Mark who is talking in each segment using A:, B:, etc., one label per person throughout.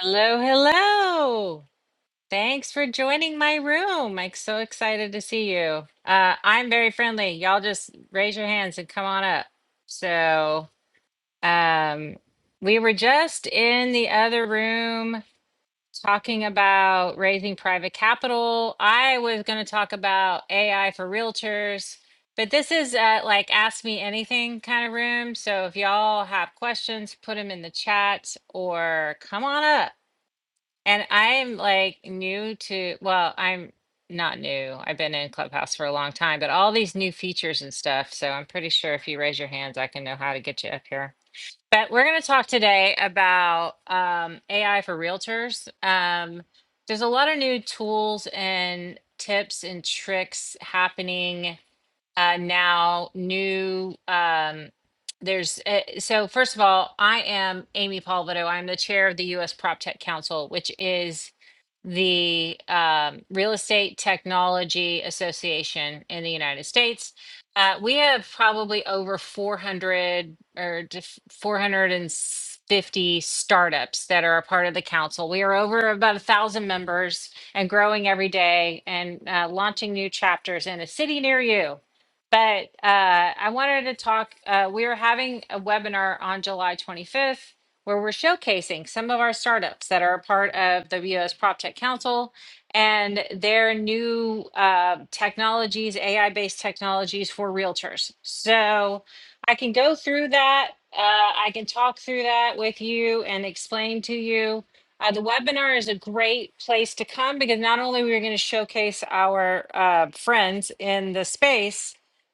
A: Hello, hello. Thanks for joining my room. I'm so excited to see you. Uh, I'm very friendly. Y'all just raise your hands and come on up. So, um, we were just in the other room talking about raising private capital. I was going to talk about AI for realtors, but this is uh, like ask me anything kind of room. So, if y'all have questions, put them in the chat or come on up. And I'm like new to, well, I'm not new. I've been in Clubhouse for a long time, but all these new features and stuff. So I'm pretty sure if you raise your hands, I can know how to get you up here. But we're going to talk today about um, AI for realtors. Um, there's a lot of new tools and tips and tricks happening uh, now new um, there's uh, so first of all i am amy palvido i'm the chair of the us prop tech council which is the um, real estate technology association in the united states uh, we have probably over 400 or d- 450 startups that are a part of the council we are over about a thousand members and growing every day and uh, launching new chapters in a city near you but uh, I wanted to talk. Uh, we are having a webinar on July 25th where we're showcasing some of our startups that are a part of the WS PropTech Council and their new uh, technologies, AI based technologies for realtors. So I can go through that. Uh, I can talk through that with you and explain to you. Uh, the webinar is a great place to come because not only we're going to showcase our uh, friends in the space,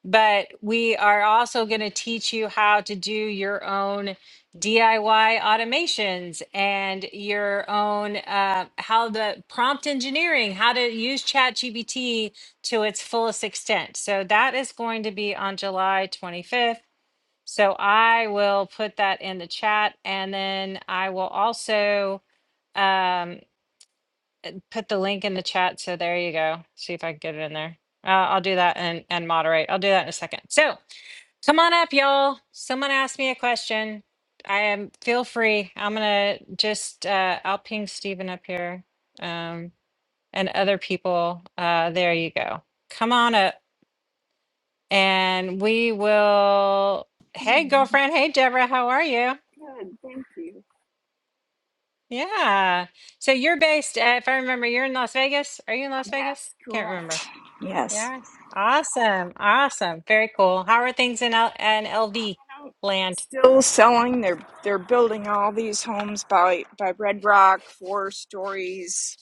A: but we are also going to teach you how to do your own DIY automations and your own uh, how the prompt engineering, how to use ChatGPT to its fullest extent. So that is going to be on July 25th. So I will put that in the chat and then I will also um, put the link in the chat. So there you go. See if I can get it in there. Uh, I'll do that and, and moderate. I'll do that in a second. So Come on up, y'all. Someone asked me a question. I am feel free. I'm gonna just uh, I'll ping Stephen up here um, and other people. Uh, there you go. Come on up, and we will. Hey,
B: Hmm.
A: girlfriend. Hey, Deborah. How are you?
B: Good, thank you.
A: Yeah. So you're based. Uh, if I remember, you're in Las Vegas. Are you in Las Vegas?
B: Yes,
A: Can't remember.
B: correct. Yes.
A: Yeah. Awesome. Awesome. Very cool. How are things in L- in LV
B: Now,
A: land?
B: Still selling. They're they're building all these homes by by Red Rock, four stories,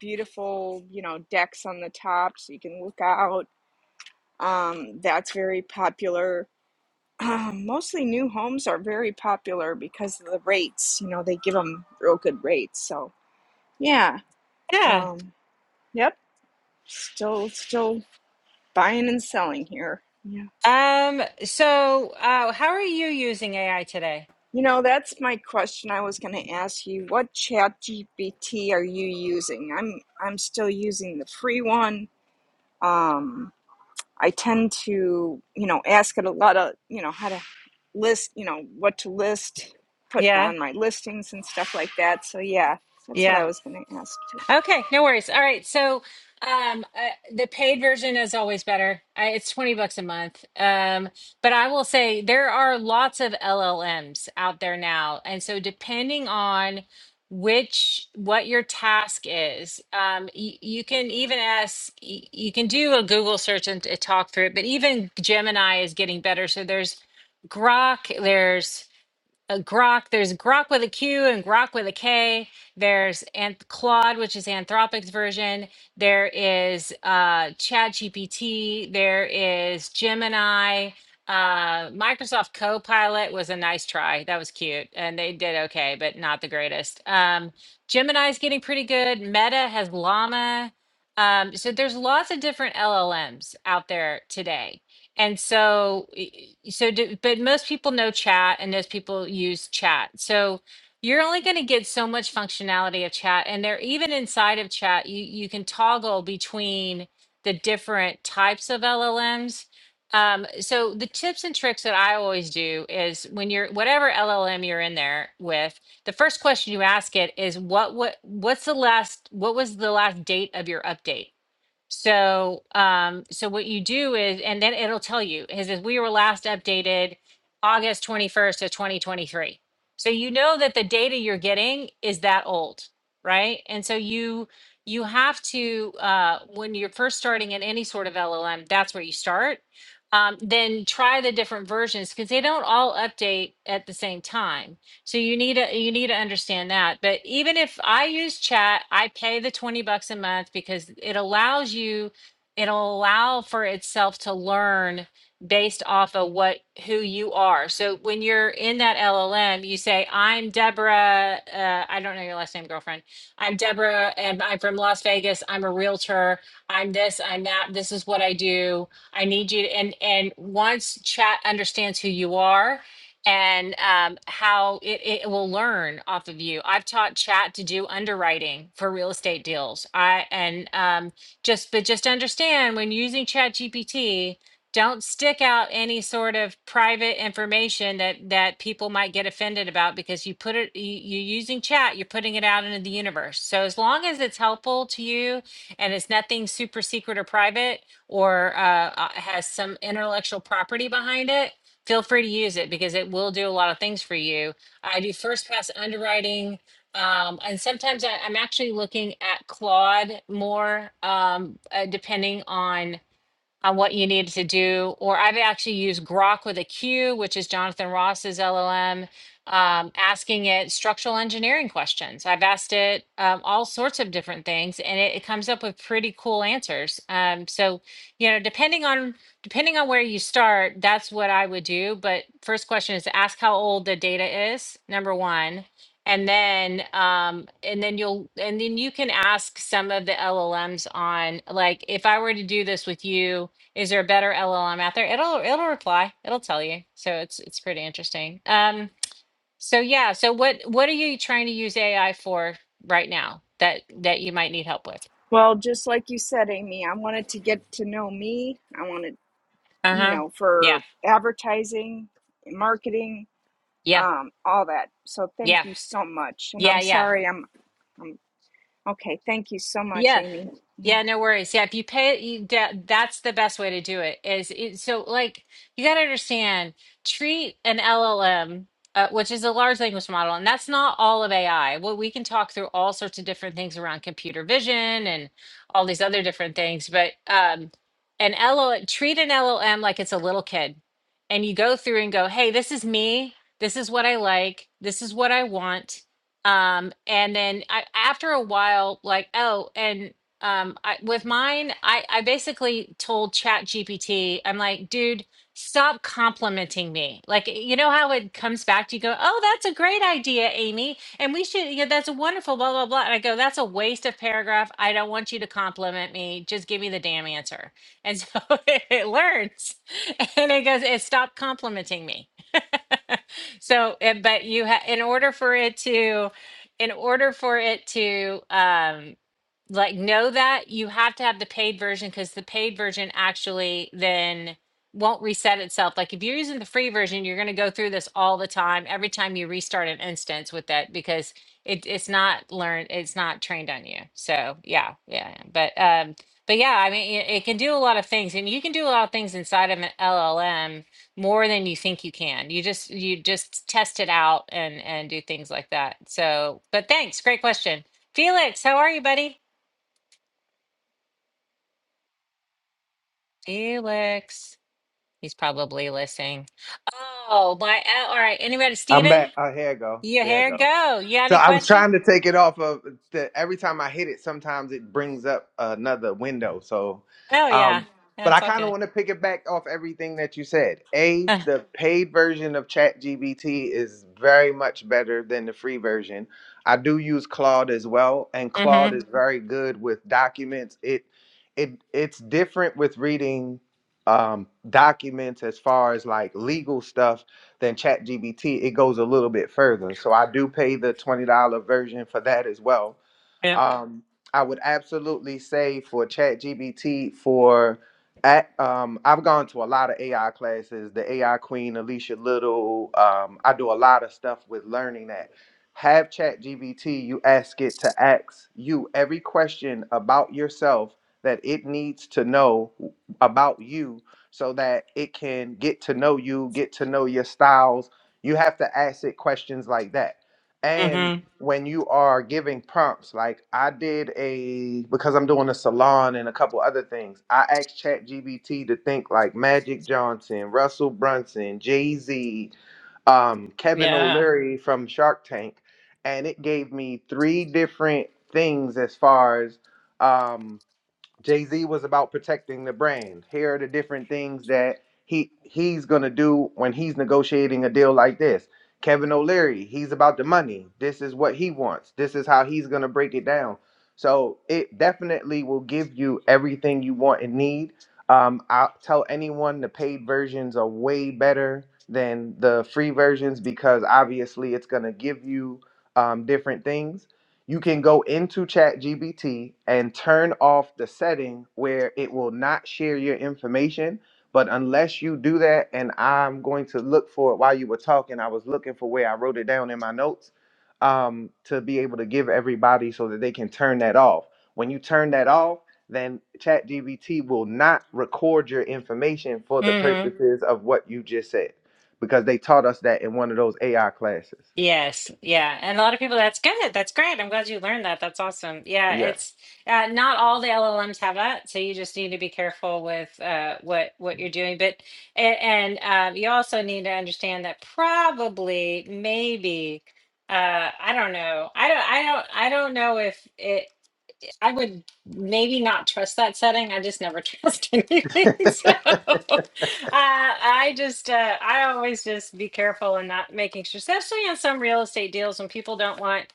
B: beautiful, you know, decks on the top so you can look out. Um, that's very popular. Um, mostly new homes are very popular because of the rates. You know, they give them real good rates. So yeah.
A: Yeah.
B: Um, yep. Still still buying and selling here. Yeah.
A: Um, so uh how are you using AI today?
B: You know, that's my question I was going to ask you. What chat GPT are you using? I'm I'm still using the free one. Um, I tend to, you know, ask it a lot of, you know, how to list, you know, what to list, put
A: Yeah.
B: on my listings and stuff like that. So yeah, that's what I
A: Yeah.
B: was going to ask you.
A: Okay, no worries. All right. So um uh, the paid version is always better. I, it's 20 bucks a month. Um but I will say there are lots of LLMs out there now. And so depending on which what your task is um you, you can even ask y- you can do a google search and, and talk through it but even gemini is getting better so there's grok there's a Grok. There's Grok with a Q and Grok with a K. There's Anth- Claude, which is Anthropic's version. There is uh, ChatGPT. There is Gemini. Uh, Microsoft Copilot was a nice try. That was cute, and they did okay, but not the greatest. Um, Gemini's getting pretty good. Meta has Llama. Um, so there's lots of different LLMs out there today and so, y- so do, but most people know chat and most people use chat. So you're only going to get so much functionality of chat. And there, even inside of chat, you, you can toggle between the different types of LLMs. Um, so the tips and tricks that I always do is when you're whatever LLM you're in there with, the first question you ask it is what what what's the last what was the last date of your update? So, um, so what you do is, and then it'll tell you, it says we were last updated August 21st of 2023. So you know that the data you're getting is that old, right? And so you you have to uh, when you're first starting in any sort of LLM, that's where you start. Um, then try the different versions because they don't all update at the same time. So you need to you need to understand that. But even if I use chat, I pay the 20 bucks a month because it allows you it'll allow for itself to learn based off of what who you are. So when you're in that LLM, you say, I'm Deborah, uh, I don't know your last name, girlfriend. I'm Deborah and I'm from Las Vegas. I'm a realtor. I'm this, I'm that. This is what I do. I need you to, and and once chat understands who you are, and um, how it, it will learn off of you. I've taught chat to do underwriting for real estate deals. I and um, just but just understand when using chat GPT, don't stick out any sort of private information that that people might get offended about because you put it you, you're using chat, you're putting it out into the universe. So as long as it's helpful to you and it's nothing super secret or private or uh, uh, has some intellectual property behind it, feel free to use it because it will do a lot of things for you. I do first pass underwriting. Um, and sometimes I, I'm actually looking at Claude more, um, uh, depending on on what you needed to do. Or I've actually used Grok with a Q, which is Jonathan Ross's LLM, um, asking it structural engineering questions. I've asked it um, all sorts of different things, and it, it comes up with pretty cool answers. Um, so, you know, depending on depending on where you start, that's what I would do. But first question is ask how old the data is. Number one. And then, um, and then you'll, and then you can ask some of the LLMs on, like, if I were to do this with you, is there a better LLM out there? It'll it'll reply. It'll tell you. So it's it's pretty interesting. Um so yeah, so what what are you trying to use AI for right now that that you might need help with?
B: Well, just like you said, Amy, I wanted to get to know me. I wanted, you
A: Uh-huh.
B: know,
A: Yeah.
B: for advertising, marketing,
A: Yeah.
B: um, all that. So thank
A: Yeah.
B: you so much. And
A: Yeah,
B: I'm
A: yeah.
B: sorry, I'm, I'm okay. Thank you so much,
A: Yeah.
B: Amy. Yeah.
A: Yeah, no worries. Yeah, if you pay it, you, that, that's the best way to do it. Is it, so like you got to understand, treat an LLM, uh, which is a large language model, and that's not all of AI. Well, we can talk through all sorts of different things around computer vision and all these other different things, but um, an LLM, treat an LLM like it's a little kid, and you go through and go, hey, this is me. This is what I like. This is what I want um and then I, after a while like oh and um I, with mine i i basically told chat gpt i'm like dude stop complimenting me like eh, you know how it comes back to you go oh that's a great idea amy and we should yeah that's a wonderful blah blah blah and i go that's a waste of paragraph i don't want you to compliment me just give me the damn answer and so it learns and it goes it stopped complimenting me so eh, but you ha- in order for it to in order for it to um like know that you have to have the paid version because the paid version actually then won't reset itself. Like if you're using the free version, you're going to go through this all the time, every time you restart an instance with that because it, it's not learned, it's not trained on you. So yeah, yeah. yeah. But um, but yeah, I mean, it, it can do a lot of things, and you can do a lot of things inside of an LLM more than you think you can. You just you just test it out and and do things like that. So, but thanks, great question, Felix. How are you, buddy? Felix. He's probably listening. Oh, my. uh, All right. Anybody,
C: I'm
A: Steven?
C: back. Oh, here I go.
A: You
C: There I
A: here?
C: go.
A: Go. You got
C: So
A: any
C: I was
A: questions?
C: trying to take it off of the every time I hit it, sometimes it brings up another window. So
A: Oh, yeah.
C: um but I
A: That's
C: kind of
A: okay.
C: want to pick it back off everything that you said. A, the paid version of ChatGPT is very much better than the free version. I do use Claude as well, and
A: Uh, mm-hmm.
C: Claude is very good with documents. It it it's different with reading um documents as far as like legal stuff than ChatGPT, it goes a little bit further. So I do pay the $20 version for that as well.
A: Yep.
C: Um, I would absolutely say for ChatGPT, for at, um, I've gone to a lot of AI classes, the AI Queen, Alicia Little. Um, I do a lot of stuff with learning that. Have ChatGPT, you ask it to ask you every question about yourself that it needs to know about you so that it can get to know you, get to know your styles. You have to ask it questions like that. And
A: Mm-hmm.
C: when you are giving prompts like i did a because i'm doing a salon and a couple other things i asked ChatGPT to think like magic johnson russell brunson jay-z um, kevin
A: Yeah.
C: o'leary from shark tank and it gave me three different things as far as um, Jay Z was about protecting the brand. Here are the different things that he he's gonna do when he's negotiating a deal like this. Kevin O'Leary, he's about the money. This is what he wants. This is how he's gonna break it down. So it definitely will give you everything you want and need. Um, I'll tell anyone the paid versions are way better than the free versions because obviously it's gonna give you um, different things you can go into ChatGPT and turn off the setting where it will not share your information. But unless you do that, and I'm going to look for it while you were talking, I was looking for where I wrote it down in my notes um, to be able to give everybody so that they can turn that off. When you turn that off, then ChatGPT will not record your information for the
A: Mm-hmm.
C: purposes of what you just said because they taught us that in one of those AI classes.
A: Yes, yeah. And a lot of people, that's good. That's great. I'm glad you learned that. That's awesome. Yeah,
C: Yeah.
A: it's uh, not all the LLMs have that, so you just need to be careful with uh, what what you're doing. But a- and um, you also need to understand that probably, maybe, uh, I don't know. I don't. I don't. I don't know if it. I would maybe not trust that setting. I just never trust anything. So uh, I just, uh, I always just be careful and not making sure, especially on some real estate deals when people don't want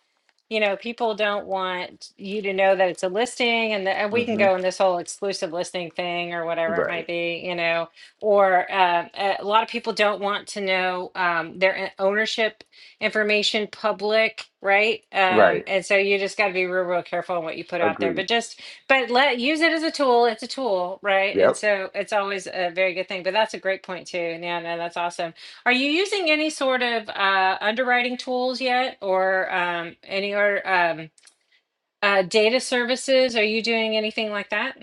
A: you know, people don't want you to know that it's a listing and that and we can
C: hmm
A: go in this whole exclusive listing thing or whatever it
C: Right.
A: might be, you know, or uh, a lot of people don't want to know um, their in- ownership information public, right? Um,
C: Right.
A: and so you just got to be real, real careful on what you put out there,
C: Agreed.
A: but just, but let, use it as a tool. It's a tool, right? And
C: Yep.
A: so it's always a very good thing, but that's a great point too. Yeah, no, that's awesome. Are you using any sort of uh, underwriting tools yet or um, any or um, uh, data services? Are you doing anything like that?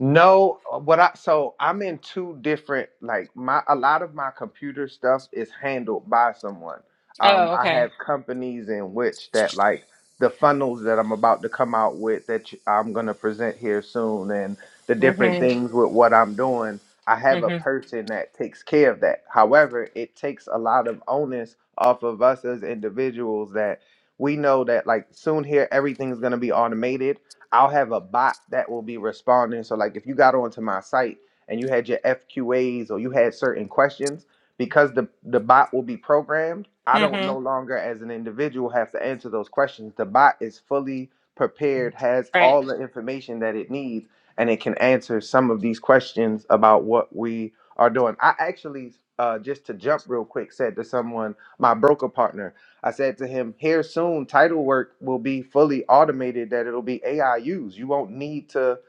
C: No, uh, what I so I'm in two different like my a lot of my computer stuff is handled by someone. Um,
A: Oh,
C: I
A: okay.
C: have companies in which that like the funnels that I'm about to come out with that you- I'm gonna present here soon, and the different
A: Mm-hmm.
C: things with what I'm doing. I have a
A: Mm-hmm.
C: person that takes care of that. However, it takes a lot of onus off of us as individuals that we know that like soon here everything's gonna be automated I'll have a bot that will be responding. So like if you got onto my site and you had your FQAs or you had certain questions, because the the bot will be programmed, I don't
A: Mm-hmm.
C: no longer as an individual have to answer those questions. The bot is fully prepared, has
A: Right.
C: all the information that it needs, and it can answer some of these questions about what we are doing. I actually uh, just to jump real quick said to someone, my broker partner I said to him, here soon, title work will be fully automated, that it'll be AI used. You won't need to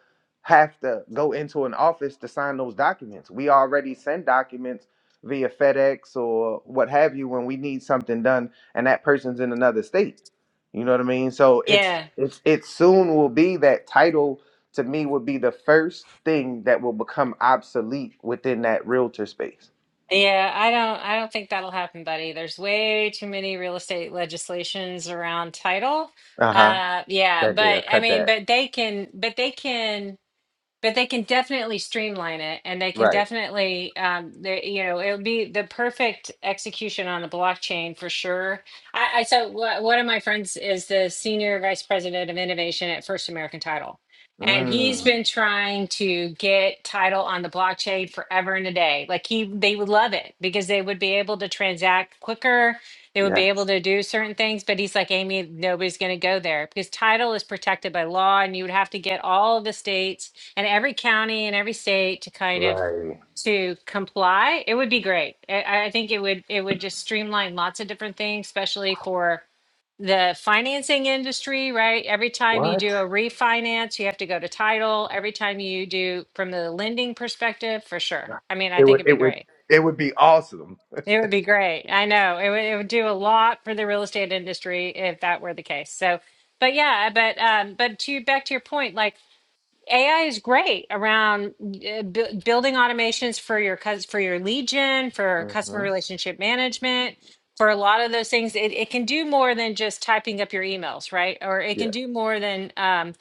C: have to go into an office to sign those documents. We already send documents via FedEx or what have you when we need something done and that person's in another state. You know what I mean? So it's
A: Yeah.
C: it's it soon will be that title to me would be the first thing that will become obsolete within that realtor space.
A: Yeah, I don't I don't think that'll happen, buddy. There's way too many real estate legislations around title.
C: Uh-huh.
A: Uh yeah,
C: That
A: but
C: they'll
A: I
C: cut
A: mean,
C: that.
A: but they can but they can but they can definitely streamline it and they can
C: Right.
A: definitely um they, you know it'll be the perfect execution on the blockchain for sure i, I so wha- one of my friends is the senior vice president of innovation at first american title and
C: Mm.
A: he's been trying to get title on the blockchain forever and a day like he they would love it because they would be able to transact quicker they would be able
C: Yes.
A: to do certain things but he's like amy nobody's going to go there because title is protected by law and you would have to get all the states and every county and every state to kind of
C: Right.
A: to comply, it would be great. I, I think it would it would just streamline lots of different things, especially for the financing industry, right? Every time you
C: What?
A: do a refinance, you have to go to title. Every time you do from the lending perspective, for sure. I mean, I
C: It
A: think
C: would.
A: it'd
C: It
A: be
C: would.
A: great.
C: It would be awesome.
A: It would be great. I know it would, it would do a lot for the real estate industry if that were the case. So, but yeah, but um, but to back to your point, like AI is great around uh, bu- building automations for your cus- for your legion, for customer
C: Mm-hmm.
A: relationship management, for a lot of those things. It, it can do more than just typing up your emails, right? Or it can
C: Yes.
A: do more than um,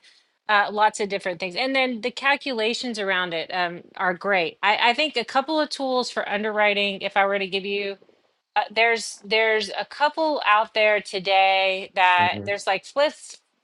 A: uh, lots of different things. And then the calculations around it um, are great. I, I think a couple of tools for underwriting. If I were to give you uh, there's there's a couple out there today that
C: Mm-hmm.
A: there's like flip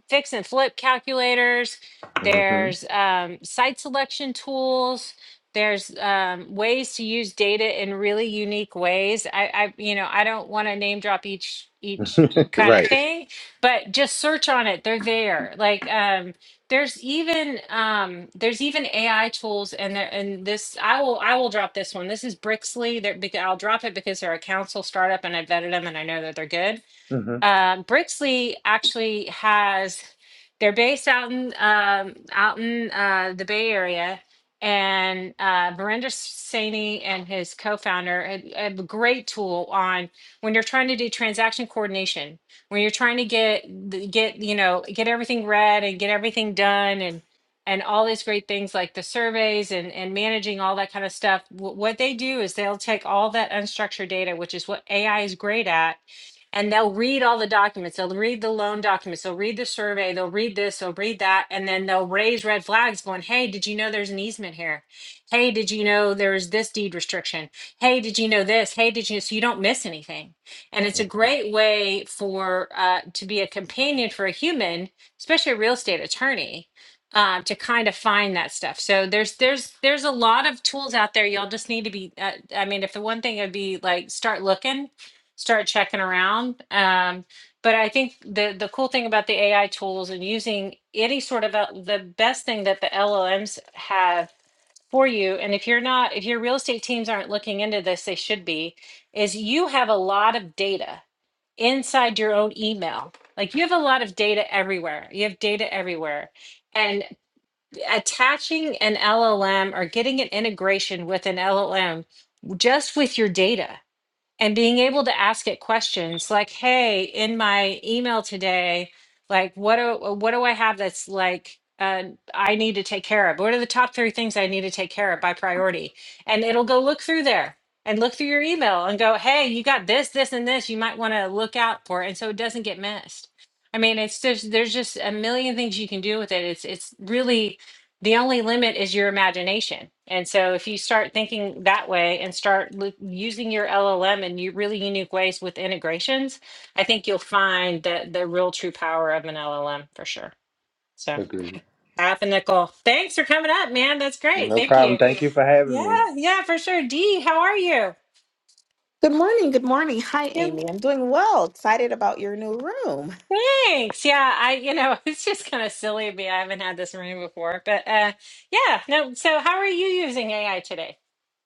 A: fix and flip calculators there's
C: Mm-hmm.
A: um, site selection tools there's um, ways to use data in really unique ways i, I you know i don't want to name drop each each kind of
C: right.
A: thing but just search on it they're there like um, there's even um, there's even AI tools and there and this I will I will drop this one. This is Brixley. There, because I'll drop it because they're a council startup and I vetted them and I know that they're good
C: Mm-hmm.
A: um, Brixley actually has. They're based out in um, out in uh, the Bay Area, and uh, Verinder Saini and his co-founder had- have a great tool on when you're trying to do transaction coordination, when you're trying to get the- get you know get everything read and get everything done and and all these great things like the surveys and and managing all that kind of stuff. Wh- what they do is they'll take all that unstructured data, which is what AI is great at and they'll read all the documents. They'll read the loan documents. They'll read the survey. They'll read this. They'll read that. And then they'll raise red flags going, Hey, did you know there's an easement here? Hey, did you know there's this deed restriction? Hey, did you know this? Hey, did you? So you don't miss anything. And it's a great way for, uh, to be a companion for a human, especially a real estate attorney. Um, to kind of find that stuff, so there's there's there's a lot of tools out there. Y'all just need to be. Uh, I mean, if the one thing would be like start looking, start checking around. Um, but I think the the cool thing about the AI tools and using any sort of L- the best thing that the LLMs have for you, and if you're not, if your real estate teams aren't looking into this, they should be, is you have a lot of data inside your own email. Like you have a lot of data everywhere. You have data everywhere. And attaching an LLM or getting an integration with an LLM just with your data and being able to ask it questions like hey in my email today like what do what do i have that's like uh, i need to take care of what are the top three things i need to take care of by priority and it'll go look through there and look through your email and go hey you got this this and this you might want to look out for it and so it doesn't get missed i mean it's just there's just a million things you can do with it it's it's really the only limit is your imagination. And so if you start thinking that way and start lo- using your LLM in u- really unique ways with integrations, I think you'll find that the real true power of an LLM for sure. So
C: Agreed.
A: half a nickel. Thanks for coming up, man. That's great.
C: No
A: Thank
C: problem.
A: you.
C: Thank you for having
A: Yeah,
C: me.
A: yeah, for sure. Dee, how are you?
D: Good morning. Good morning. Hi,
A: Yeah,
D: Amy. I'm doing well. Excited about your new room.
A: thanks. Yeah, I, you know, it's just kind of silly of me. I haven't had this room before, but uh yeah, no. So how are you using AI today?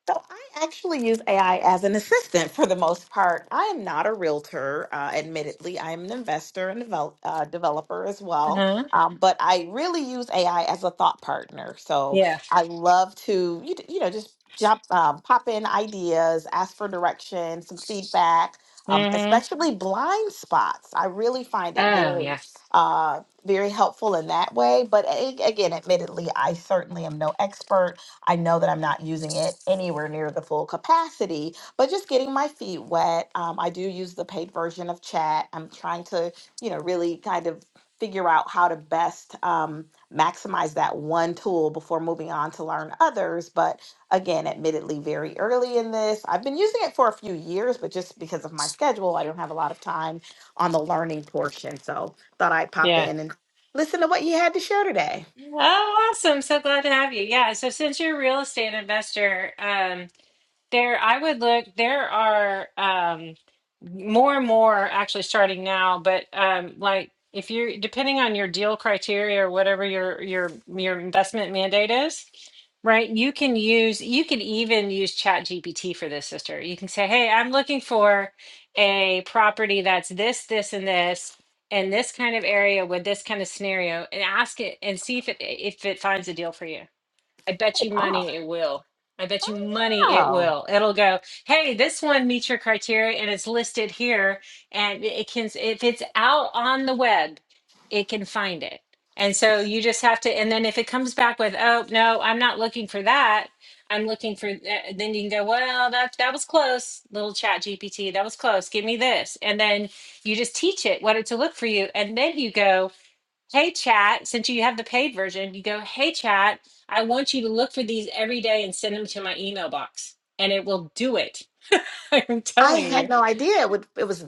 D: So I actually use AI as an assistant for the most part. I am not a realtor, uh, admittedly. I am an investor and develop, uh, developer as well.
A: Uh-huh.
D: Um, but I really use AI as a thought partner. So
A: Yeah.
D: I love to, you, d- you know, just jump, um, pop in ideas, ask for direction, some feedback. Um,
A: Mm-hmm.
D: especially blind spots, I really find it
A: Oh,
D: very,
A: yeah.
D: uh, very helpful in that way. But a- again, admittedly, I certainly am no expert I know that I'm not using it anywhere near the full capacity, but just getting my feet wet. Um, I do use the paid version of chat. I'm trying to, you know, really kind of figure out how to best um, maximize that one tool before moving on to learn others. But again, admittedly, very early in this, I've been using it for a few years, but just because of my schedule, I don't have a lot of time on the learning portion. So thought I'd pop
A: Yeah.
D: in and listen to what you had to share today.
A: Oh, awesome. So glad to have you. Yeah. So since you're a real estate investor, um, There, I would look. There are um, more and more actually starting now, but um, like if you're depending on your deal criteria or whatever your your your investment mandate is, right? You can use you can even use Chat GPT for this, sister. You can say, "Hey, I'm looking for a property that's this, this, and this." In this kind of area with this kind of scenario, and ask it and see if it if it finds a deal for you I bet you
D: Wow.
A: money it will. I bet you money it
D: Wow.
A: will. It'll go, hey, this one meets your criteria and it's listed here. And it can, if it's out on the web, it can find it. And so you just have to, and then if it comes back with, oh, no, I'm not looking for that. I'm looking for, th- then you can go, well, that, that was close, little chat GPT. That was close. Give me this. And then you just teach it what it to look for you. And then you go, hey chat since you have the paid version you go hey chat i want you to look for these every day and send them to my email box and it will do it i'm
D: I
A: telling you
D: had no idea it would it was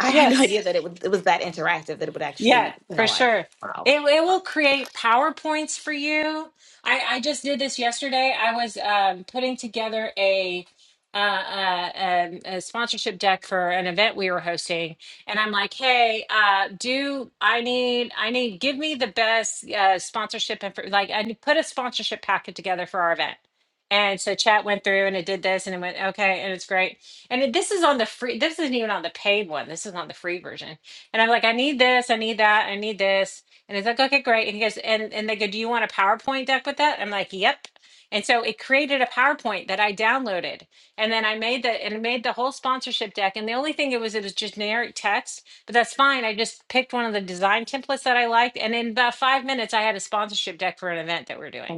D: I had no
A: yes
D: idea that it would it was that interactive that it would
A: Yeah,
D: actually, you know,
A: for
D: like
A: sure.
D: wow.
A: It it will create PowerPoints for you. I I just did this yesterday. I was um putting together a uh, uh, um, a sponsorship deck for an event we were hosting, and I'm like, "Hey, uh, do I need I need give me the best uh, sponsorship info? Like, I put a sponsorship packet together for our event." And so chat went through and it did this and it went okay and it's great. And it, this is on the free. This isn't even on the paid one. This is on the free version and I'm like, I need this, I need that, I need this. And he's like, okay, great. And he goes, and, and they go, do you want a PowerPoint deck with that? I'm like, yep. And so it created a PowerPoint that I downloaded. And then I made the and made the whole sponsorship deck. And the only thing it was it was generic text, but that's fine. I just picked one of the design templates that I liked. And in about five minutes, I had a sponsorship deck for an event that we're doing.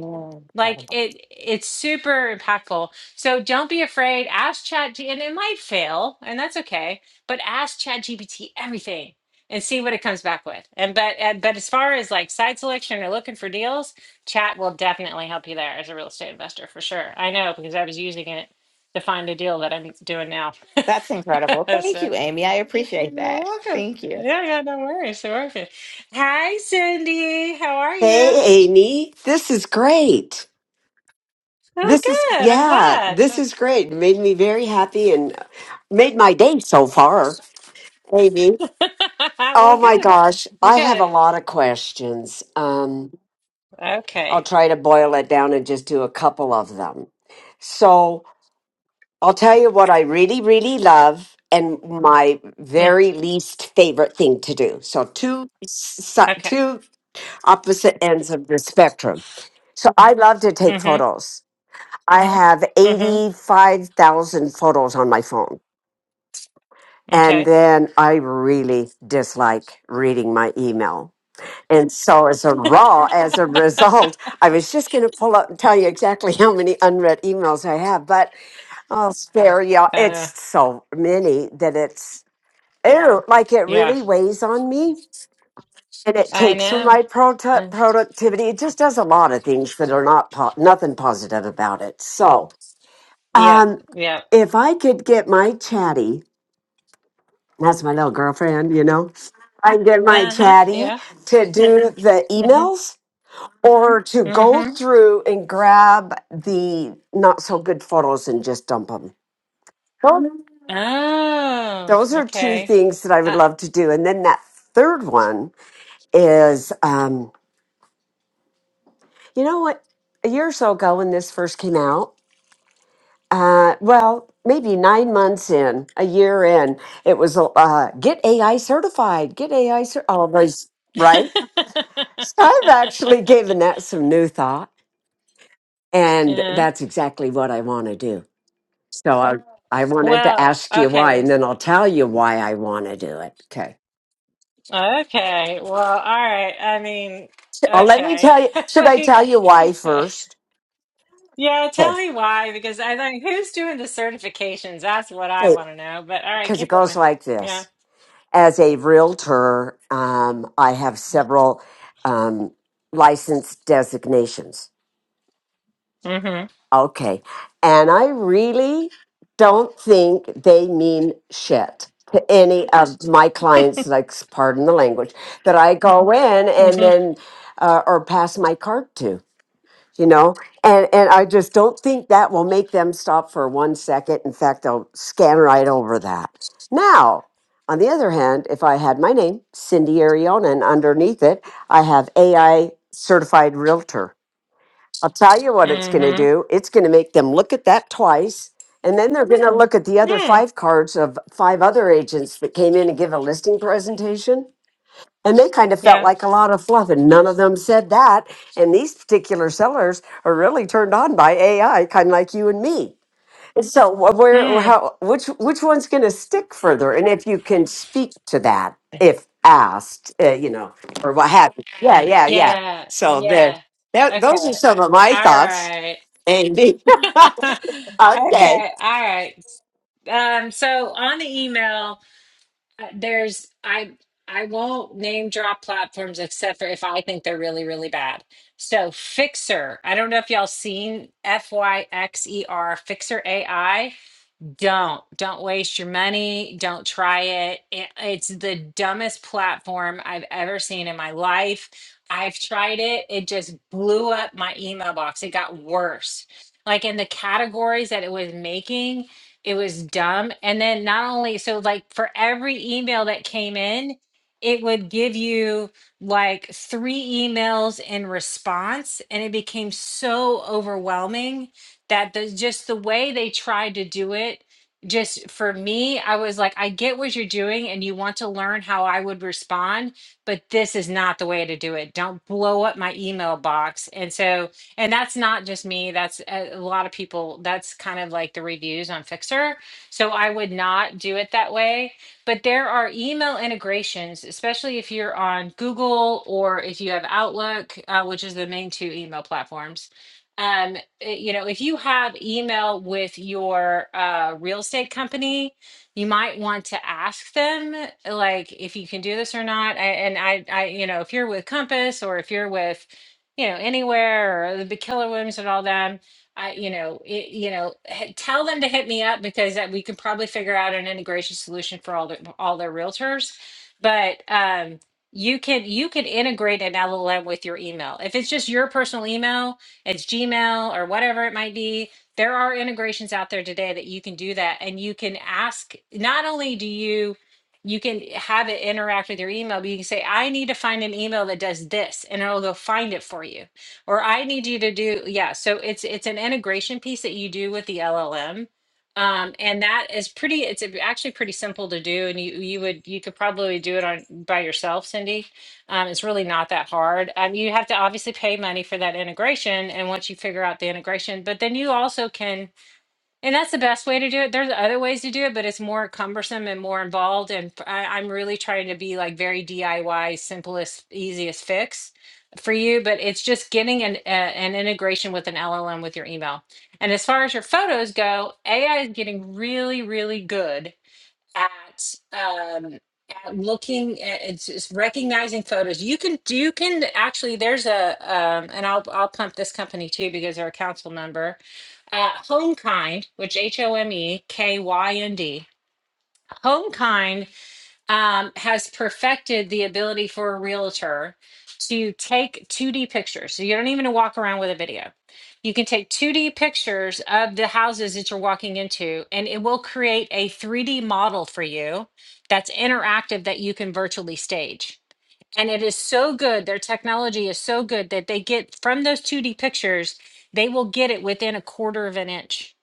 A: Like it it's super impactful. So don't be afraid. Ask Chat G and it might fail, and that's okay. But ask Chat GPT everything and see what it comes back with. And but and, but as far as like side selection or looking for deals, chat will definitely help you there as a real estate investor for sure. I know because I was using it to find a deal that I'm doing now.
D: That's incredible. Thank
A: so
D: you, Amy. I appreciate
A: you're
D: that.
A: welcome.
D: Thank you.
A: Yeah, yeah, no worries. You're welcome. Hi, Cindy. How are you?
E: Hey, Amy, this is great.
A: Oh,
E: This is,
A: good. I'm
E: yeah,
A: glad.
E: this is great. It made me very happy and made my day so far, Amy. Oh
A: well,
E: my
A: good.
E: gosh,
A: Well,
E: I have a
A: good.
E: lot of questions. Um, I'll
A: Okay.
E: try to boil it down and just do a couple of them. So I'll tell you what I really, really love and my
A: Hmm.
E: very least favorite thing to do. So two, s-
A: Okay.
E: two opposite ends of the spectrum. So I love to take
A: Mm-hmm.
E: photos. I have
A: Mm-hmm.
E: 85,000 photos on my phone. And
A: Okay.
E: then I really dislike reading my email. And so as a raw as a result, I was just going to pull up and tell you exactly how many unread emails I have, but I'll spare y'all.
A: Uh,
E: It's so many that it's ew, like it
A: yeah.
E: really weighs on me. And it
A: I
E: takes from my
A: know.
E: produ- productivity. It just does a lot of things that are not po- nothing positive about it. So,
A: Yeah,
E: Um,
A: yeah.
E: if I could get my chatty, that's my little girlfriend, you know, I can get my
A: Uh-huh,
E: chatty
A: yeah.
E: to do the
A: Mm-hmm.
E: emails or to go
A: Mm-hmm.
E: through and grab the not so good photos and just dump them. Those,
A: Oh,
E: are two
A: okay.
E: things that I would
A: Uh,
E: love to do. And then that third one is, um, you know what? A year or so ago when this first came out, Uh, well, maybe nine months in, a year in, it was uh, get AI certified, get AI cer- all those, right? So I've actually given that some new thought, and
A: yeah.
E: that's exactly what I want to do. So I, I wanted to
A: Well,
E: ask you why,
A: okay.
E: and then I'll tell you why I want to do it. Okay.
A: Okay. Well, all right. I mean,
E: Oh, let me
A: okay.
E: tell you. Should I
A: Like,
E: tell you why first?
A: yeah,
E: Okay.
A: tell me why, because I think who's doing the certifications? That's what I
E: Okay.
A: want to know. But all right,
E: Because it
A: keep
E: goes
A: going.
E: like
A: Yeah.
E: this. as a realtor, um, I have several um, license designations.
A: Mm-hmm.
E: Okay. And I really don't think they mean shit to any of my clients, like, pardon the language, that I go in and
A: Mm-hmm.
E: then uh, or pass my card to you know and and i just don't think that will make them stop for one second in fact they'll scan right over that now on the other hand if i had my name cindy ariona and underneath it i have ai certified realtor i'll tell you what it's going to
A: Mm-hmm.
E: do it's going to make them look at that twice and then they're going to look at the other
A: Mm.
E: five cards of five other agents that came in and give a listing presentation and they kind of felt
A: Yeah.
E: like a lot of fluff, and none of them said that. And these particular sellers are really turned on by AI, kind of like you and me. And so, wh- where,
A: Mm.
E: how, which, which one's going to stick further? And if you can speak to that, if asked, uh, you know, or what have you. Yeah, yeah, yeah.
A: Yeah,
E: So there,
A: yeah.
E: that, those are
A: Okay. uh,
E: some of my
A: All
E: thoughts,
A: right.
E: Amy. okay.
A: Okay, all right. Um, so on the email, uh, there's I I won't name drop platforms except for if I think they're really, really bad. So Fixer, I don't know if y'all seen F Y X E R Fixer AI don't don't waste your money don't try it. it it's the dumbest platform i've ever seen in my life i've tried it it just blew up my email box it got worse like in the categories that it was making it was dumb and then not only so like for every email that came in it would give you like three emails in response and it became so overwhelming that the just the way they tried to do it just for me, I was like, I get what you're doing and you want to learn how I would respond, but this is not the way to do it. Don't blow up my email box. And so, and that's not just me, that's a a lot of people. That's kind of like the reviews on Fixer. So I would not do it that way. But there are email integrations, especially if you're on Google or if you have Outlook, uh, which is the main two email platforms um uh, you know if you have email with your uh real estate company you might want to ask them eh, like if you can do this or not A- and i i you know if you're with compass or if you're with you know anywhere or the killer williams and all them i you know it, you know h- tell them to hit me up because that we could probably figure out an integration solution for all the all their realtors but um you can you can integrate an llm with your email if it's just your personal email it's Gmail or whatever it might be. There are integrations out there today that you can do that and you can ask not only do you you can have it interact with your email, but you can say, I need to find an email that does this, and it'll go find it for you. Or I need you to do, yeah. So it's it's an integration piece that you do with the LLM. Um, and that is pretty, it's actually pretty simple to do. And you you would you could probably do it on by yourself, Cindy um, it's really not that hard. Um, you have to obviously pay money for that integration, and once you figure out the integration, but then you also can, and that's the best way to do it. There's other ways to do it, but it's more cumbersome and more involved. And f- I, am really trying to be like very DIY, simplest, easiest fix for you. But it's just getting an a, an integration with an LLM with your email. And as far as your photos go, AI is getting really, really good at um at looking at it's, it's recognizing photos you can you can actually there's a um and i'll i'll pump this company too because they're a council member uh homekind which h-o-m-e-k-y-n-d homekind um, has perfected the ability for a realtor to take 2D pictures. So you don't even walk around with a video. You can take 2D pictures of the houses that you're walking into, and it will create a 3D model for you that's interactive that you can virtually stage and it is so good their technology is so good that they get from those 2d pictures they will get it within a quarter of an inch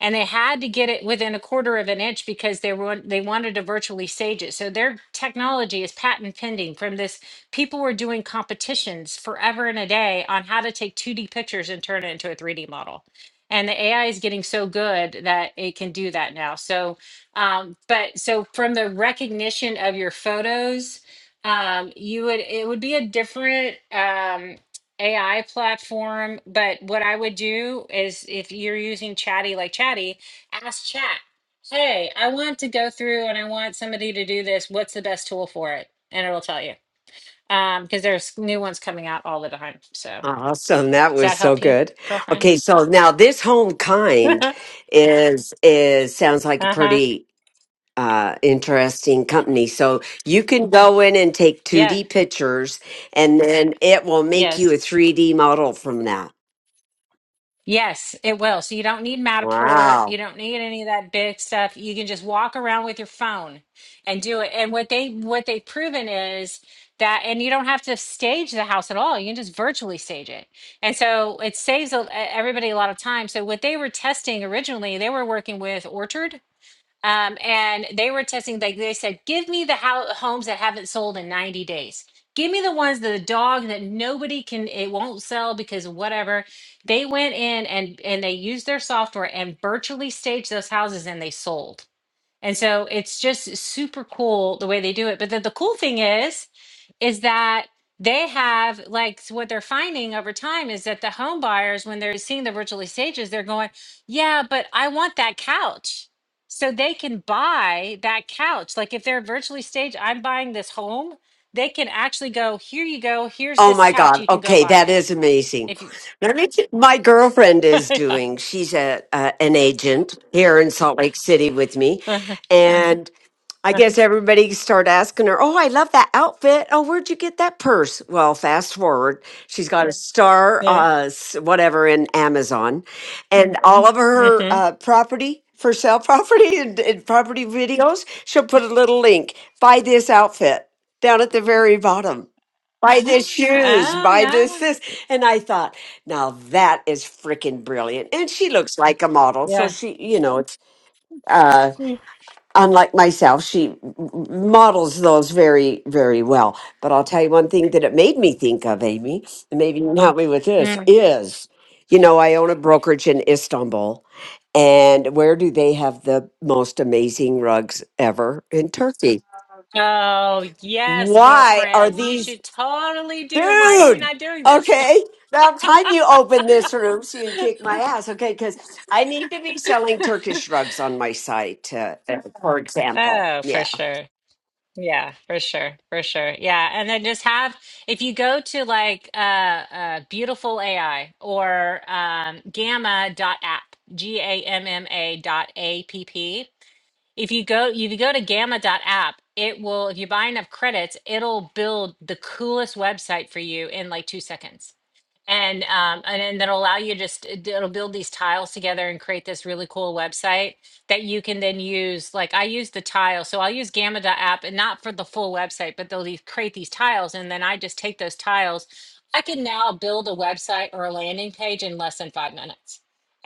A: and they had to get it within a quarter of an inch because they were they wanted to virtually stage it so their technology is patent pending from this people were doing competitions forever and a day on how to take 2d pictures and turn it into a 3d model and the ai is getting so good that it can do that now so um, but so from the recognition of your photos um you would it would be a different um AI platform, but what I would do is if you're using Chatty like Chatty, ask Chat, "Hey, I want to go through and I want somebody to do this. What's the best tool for it?" And it'll tell you. Um because there's new ones coming out all the time. So,
E: Awesome. That
A: does
E: was
A: that
E: so
A: help you,
E: good.
A: girlfriend?
E: Okay, so now this home kind is is sounds like a
A: uh-huh.
E: pretty uh interesting company. So you can go in and take
A: Yeah.
E: 2D pictures and then it will make
A: Yes.
E: you a 3D model from that.
A: Yes, it will. So you don't need Matterport.
E: Wow.
A: You don't need any of that big stuff. You can just walk around with your phone and do it. And what they what they've proven is that, and you don't have to stage the house at all. You can just virtually stage it. And so it saves a- everybody a lot of time. So what they were testing originally, they were working with Orchard um, and they were testing like they said give me the ho- homes that haven't sold in 90 days give me the ones that the dog that nobody can it won't sell because of whatever they went in and and they used their software and virtually staged those houses and they sold and so it's just super cool the way they do it but then the cool thing is is that they have like s- what they're finding over time is that the home buyers when they're seeing the virtual stages they're going yeah but i want that couch so they can buy that couch like if they're virtually staged i'm buying this home they can actually go here you go here's
E: Oh
A: this
E: my
A: couch
E: God.
A: you can go
E: Okay,
A: buy
E: that
A: it
E: is amazing.
A: if you
E: Now, Let me my girlfriend is doing, she's a, uh, an agent here in Salt Lake City with me.
A: yeah
E: And I guess everybody started asking her, Oh, I love that outfit. Oh, where'd you get that purse? Well, fast forward, she's got a star,
A: yeah
E: uh, s- whatever, in Amazon. And Mhm. all of her
A: mm-hmm.
E: uh, property for sale property and, and property videos, she'll put a little link buy this outfit down at the very bottom buy this shoes,
A: oh
E: buy this,
A: yeah
E: this. And I thought, now that is freaking brilliant. And she looks like a model. So
A: yeah
E: she, you know, it's uh,
A: Mm.
E: unlike myself, she models those very, very well. But I'll tell you one thing that it made me think of, Amy, and maybe you can help me with this
A: Mm.
E: is, you know, I own a brokerage in Istanbul. And where do they have the most amazing rugs ever? In Turkey.
A: Oh, yes,
E: Why are
A: girlfriend. You
E: these
A: should totally do. Why are you
E: Dude,
A: not doing this?
E: okay. About time you open this room so you can kick my ass, okay? Because I need to be selling Turkish rugs on my site, uh, uh, for example.
A: Oh, for
E: Yeah.
A: sure. Yeah, for sure. For sure. Yeah. And then just have, if you go to like uh, uh beautiful AI or um gamma dot app, G A M M A dot A P P. If you go, if you go to Gamma dot app, it will, if you buy enough credits, it'll build the coolest website for you in like two seconds and um, and then that'll allow you just it- it'll build these tiles together and create this really cool website that you can then use like i use the tile so i'll use gamma app and not for the full website but they'll these, create these tiles and then i just take those tiles i can now build a website or a landing page in less than five minutes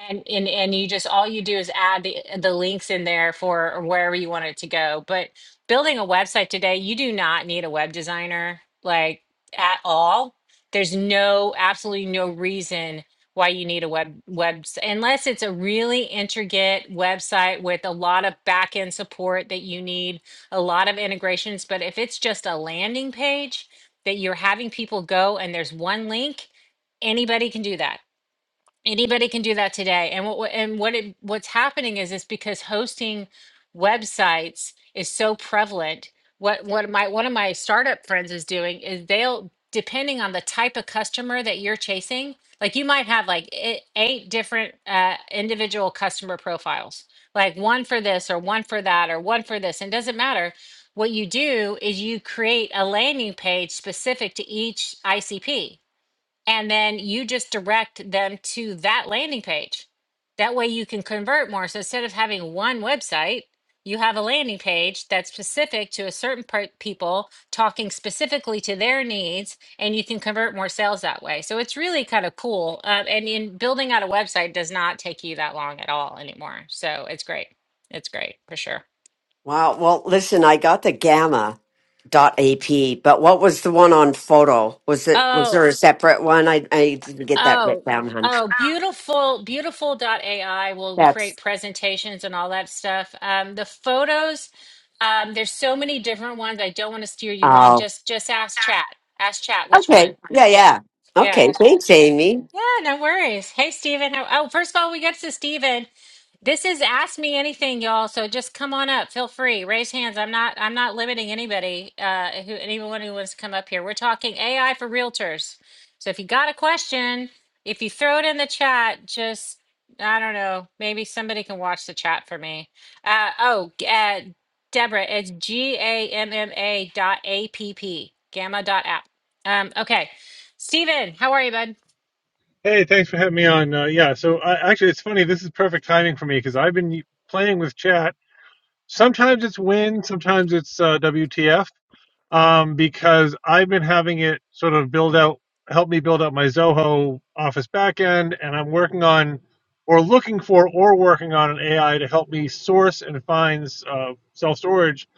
A: and and, and you just all you do is add the, uh, the links in there for wherever you want it to go but building a website today you do not need a web designer like at all there's no, absolutely no reason why you need a web web unless it's a really intricate website with a lot of back end support that you need, a lot of integrations. But if it's just a landing page that you're having people go and there's one link, anybody can do that anybody can do that today and what and what it, what's happening is is because hosting websites is so prevalent what what my one of my startup friends is doing is they'll depending on the type of customer that you're chasing like you might have like e- eight different uh, individual customer profiles like one for this or one for that or one for this and doesn't matter what you do is you create a landing page specific to each icp and then you just direct them to that landing page. That way you can convert more. So instead of having one website, you have a landing page that's specific to a certain part people talking specifically to their needs and you can convert more sales that way so it's really kind of cool uh, and in building out a website does not take you that long at all anymore so it's great it's great for sure
E: Wow. Well, listen, I got the Gamma dot AP, but what was the one on photo? Was it was
A: Oh.
E: there a separate one? I I didn't get that written
A: Oh,
E: down, hun.
A: oh, beautiful, beautiful. AI will
E: That's
A: create presentations and all that stuff. Um, the photos, um, there's so many different ones. I don't want to steer you wrong.
E: oh,
A: Just just ask chat. Ask chat which
E: okay.
A: one.
E: Yeah,
A: Yeah,
E: yeah.
A: yeah,
E: Okay.
A: ask chat.
E: Thanks,
A: Yeah.
E: Amy.
A: Yeah, no worries. Hey Steven. How, oh, first of all, we get to Steven. This is ask me anything, y'all. So just come on up. Feel free. Raise hands. I'm not I'm not limiting anybody, uh who anyone who wants to come up here. We're talking AI for realtors. So if you got a question, if you throw it in the chat, just I don't know, maybe somebody can watch the chat for me. Uh oh, g- uh Deborah, it's G A M M A dot A P P, gamma dot app. Um, okay. Steven, how are you, bud?
F: Hey, thanks for having me on. Uh, yeah, so I, actually, it's funny. This is perfect timing for me because I've been playing with chat. Sometimes it's win, sometimes it's uh, WTF, um, because I've been having it sort of build out, help me build out my Zoho Office backend, and I'm working on, or looking for, or working on an AI to help me source and find uh, self storage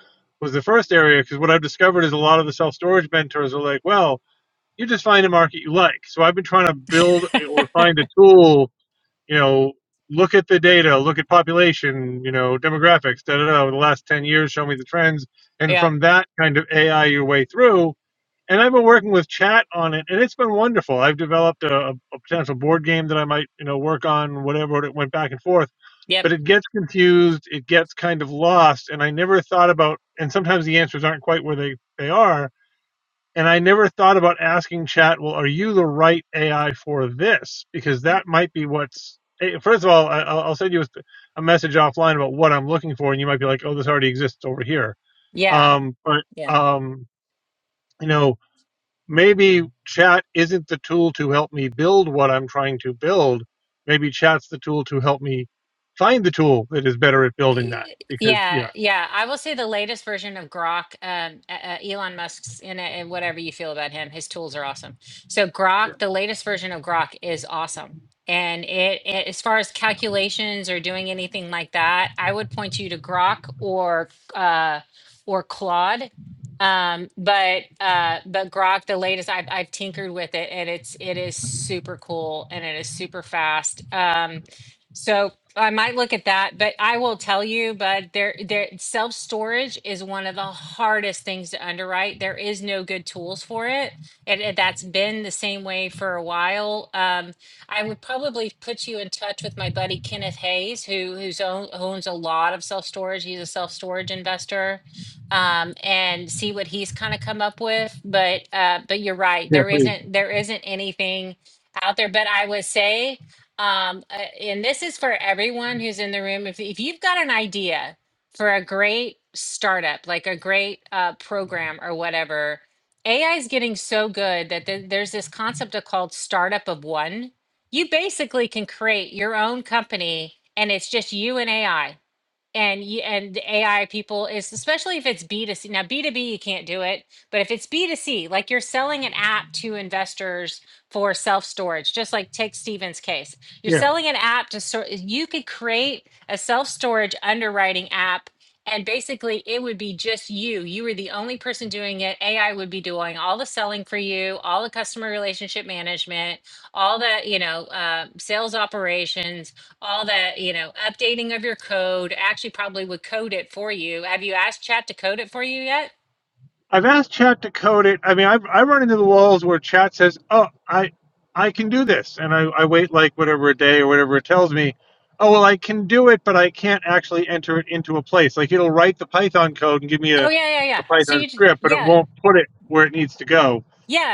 F: was the first area because what I've discovered is a lot of the self storage mentors are like, well you just find a market you like. So I've been trying to build or find a tool, you know, look at the data, look at population, you know, demographics, da da da, over the last 10 years, show me the trends. And
A: Yep.
F: from that kind of AI your way through. And I've been working with chat on it, and it's been wonderful. I've developed a, a potential board game that I might, you know, work on, whatever. It went back and forth but
A: Yep.
F: it gets confused it gets kind of lost and i never thought about and sometimes the answers aren't quite where they they are and I never thought about asking chat, well, are you the right AI for this? Because that might be what's. eh, First of all, I- will I'll send you a message offline about what I'm looking for, and you might be like, oh, this already exists over here.
A: Yeah.
F: Um, but,
A: Yeah.
F: um, you know, maybe chat isn't the tool to help me build what I'm trying to build. Maybe chat's the tool to help me find the tool that is better at building that.
A: Y-
F: Because,
A: Yeah,
F: yeah.
A: yeah. I will say the latest version of Grok, um, uh, uh, Elon Musk's in it, and whatever you feel about him, his tools are awesome. So Grok, the latest version of Grok is awesome. And it, it as far as calculations or doing anything like that, I would point you to Grok or uh, or Claude. Um, but uh, but Grok, the latest, I've I've tinkered with it, and it's it is super cool and it is super fast. Um, so. I might look at that, but I will tell you, but there, there, self storage is one of the hardest things to underwrite. There is no good tools for it, and, and that's been the same way for a while. Um, I would probably put you in touch with my buddy Kenneth Hayes, who who's own, owns a lot of self storage. He's a self storage investor, um, and see what he's kind of come up with. But uh, but you're right,
F: Yeah,
A: there
F: please.
A: isn't there isn't anything out there. But I would say um uh, and this is for everyone who's in the room if, if you've got an idea for a great startup like a great uh, program or whatever ai is getting so good that th- there's this concept of called startup of one you basically can create your own company and it's just you and ai and you, and AI people is especially if it's B2C. Now B2B you can't do it, but if it's B2C, like you're selling an app to investors for self-storage, just like take Steven's case. You're
F: Yeah.
A: selling an app to sort you could create a self-storage underwriting app and basically it would be just you. You were the only person doing it. AI would be doing all the selling for you, all the customer relationship management, all the, you know, uh, sales operations all that, you know, updating of your code, actually probably would code it for you. Have you asked chat to code it for you yet?
F: I've asked chat to code it. I mean, I've, I run into the walls where chat says, "Oh, I I can do this," and I, I wait like whatever a day or whatever it tells me. Oh well, I can do it, but I can't actually enter it into a place. Like it'll write the Python code and give me a,
A: Oh yeah, yeah,
F: a
A: yeah. So
F: Python
A: you, j-
F: script, but it
A: yeah,
F: won't put it where it needs to go.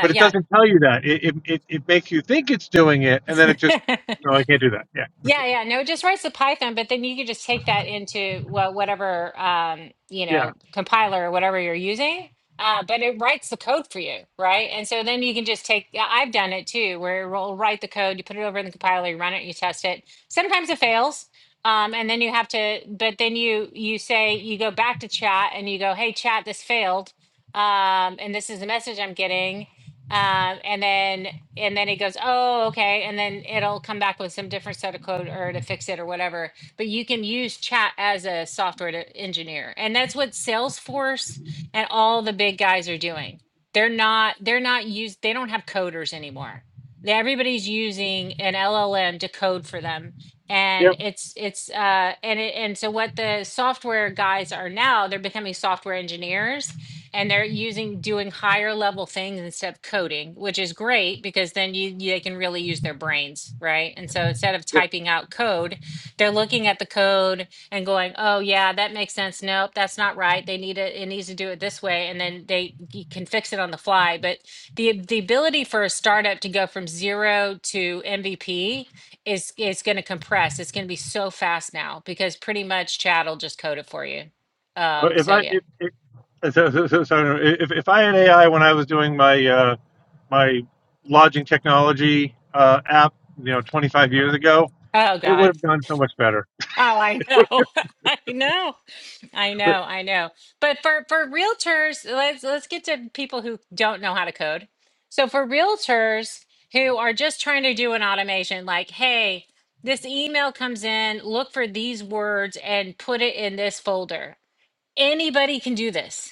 F: But it doesn't tell you that. It it, it, it makes you think it's doing it, and then it just
A: yeah.
F: no, I can't do that. Yeah,
A: Yeah, yeah. No, it just writes the Python, but then you can just take that into well, whatever um, you
F: yeah,
A: know, compiler or whatever you're using. Uh, but it writes the code for you, right? And so then you can just take. yeah, I've done it too, where it will write the code, you put it over in the compiler, you run it, you test it. Sometimes it fails, um, and then you have to. But then you you say you go back to chat and you go, "Hey, chat, this failed, um, and this is the message I'm getting." Um, and then and then it goes oh okay and then it'll come back with some different set of code or to fix it or whatever but you can use chat as a software to engineer and that's what salesforce and all the big guys are doing they're not they're not used they don't have coders anymore They- everybody's using an llm to code for them and
F: yep,
A: it's it's uh and it, and so what the software guys are now they're becoming software engineers and they're using doing higher level things instead of coding, which is great because then you you- they can really use their brains, right? And so instead of
F: yeah.
A: typing out code, they're looking at the code and going, "Oh yeah, that makes sense. Nope, that's not right. They need it. It needs to do it this way." And then they you can fix it on the fly. But the the ability for a startup to go from zero to MVP is is going to compress. It's going to be so fast now because pretty much Chat will just code it for you.
F: Uh,
A: Um,
F: If
A: so
F: I
A: yeah.
F: if, if so, so, so, so if if I had AI when I was doing my uh, my lodging technology uh, app, you know, 25 years ago,
A: Oh
F: it would
A: God.
F: have gone so much better.
A: Oh, I know. I know. I
F: But
A: know. I know. But for for realtors, let's let's get to people who don't know how to code. So for realtors who are just trying to do an automation like, "Hey, this email comes in, look for these words and put it in this folder." Anybody can do this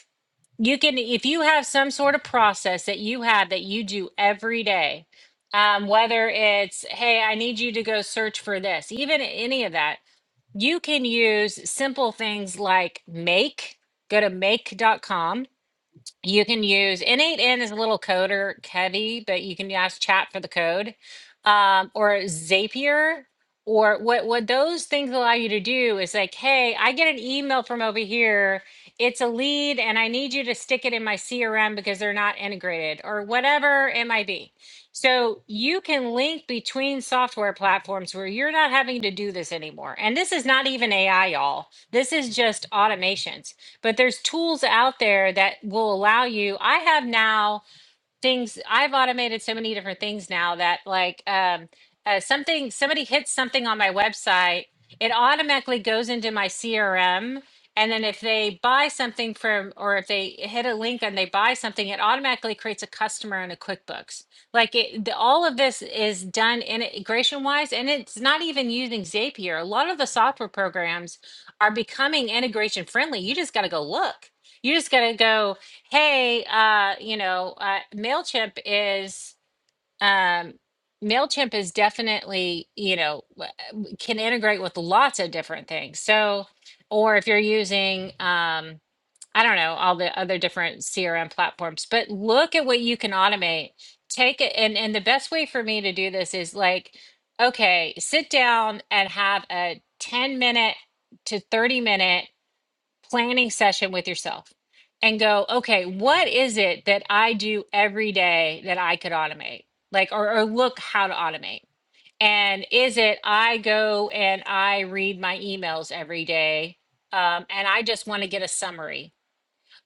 A: you can if you have some sort of process that you have that you do every day um, whether it's hey i need you to go search for this even any of that you can use simple things like make go to make. dot com. You can use N8N is a little coder heavy, but you can ask chat for the code. Um, or Zapier, or what what those things allow you to do is like, hey, I get an email from over here. It's a lead and I need you to stick it in my CRM because they're not integrated or whatever it might be. So you can link between software platforms where you're not having to do this anymore. And this is not even AI, y'all. This is just automation but there's tools out there that will allow you. I have now things I've automated so many different things now that like um uh, something somebody hits something on my website, it automatically goes into my CRM and then if they buy something from or if they hit a link and they buy something, it automatically creates a customer in a QuickBooks. Like it, the, all of this is done integration wise and it's not even using Zapier. A lot of the software programs are becoming integration friendly. You just got to go look. You just got to go hey, uh, you know, uh, Mailchimp is um, Mailchimp is definitely you know w- w- can integrate with lots of different things. So, or if you're using um, I don't know all the other different CRM platforms, but look at what you can automate. Take it, and and the best way for me to do this is like, okay, sit down and have a ten minute to thirty minute planning session with yourself and go, okay, what is it that I do every day that I could automate? Like, or, or look how to automate. And is it I go and I read my emails every day um, and I just want to get a summary?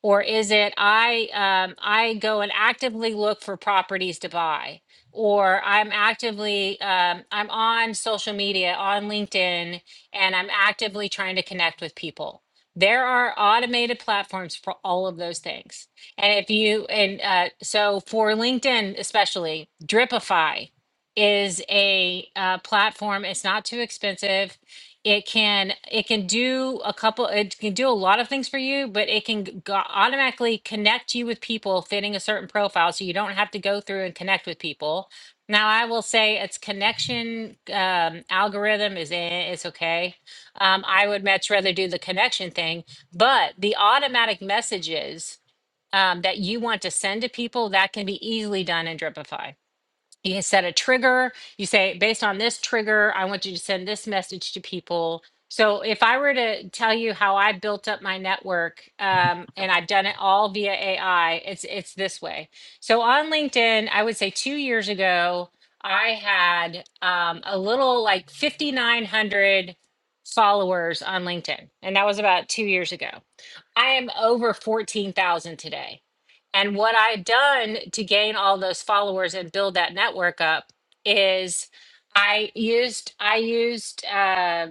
A: Or is it I um, I go and actively look for properties to buy, or I'm actively um, I'm on social media on LinkedIn and I'm actively trying to connect with people. There are automated platforms for all of those things. And if you and uh, so for LinkedIn especially, Dripify is a uh, platform. It's not too expensive it can it can do a couple it can do a lot of things for you but it can g- go- automatically connect you with people fitting a certain profile so you don't have to go through and connect with people now i will say its connection um, algorithm is eh, it's okay um, i would much rather do the connection thing but the automatic messages um, that you want to send to people that can be easily done in dripify you can set a trigger you say based on this trigger i want you to send this message to people so if i were to tell you how i built up my network um, and i've done it all via ai it's it's this way so on linkedin i would say two years ago i had um, a little like 5900 followers on linkedin and that was about two years ago I am over 14,000 today. And what I've done to gain all those followers and build that network up is I used I used uh,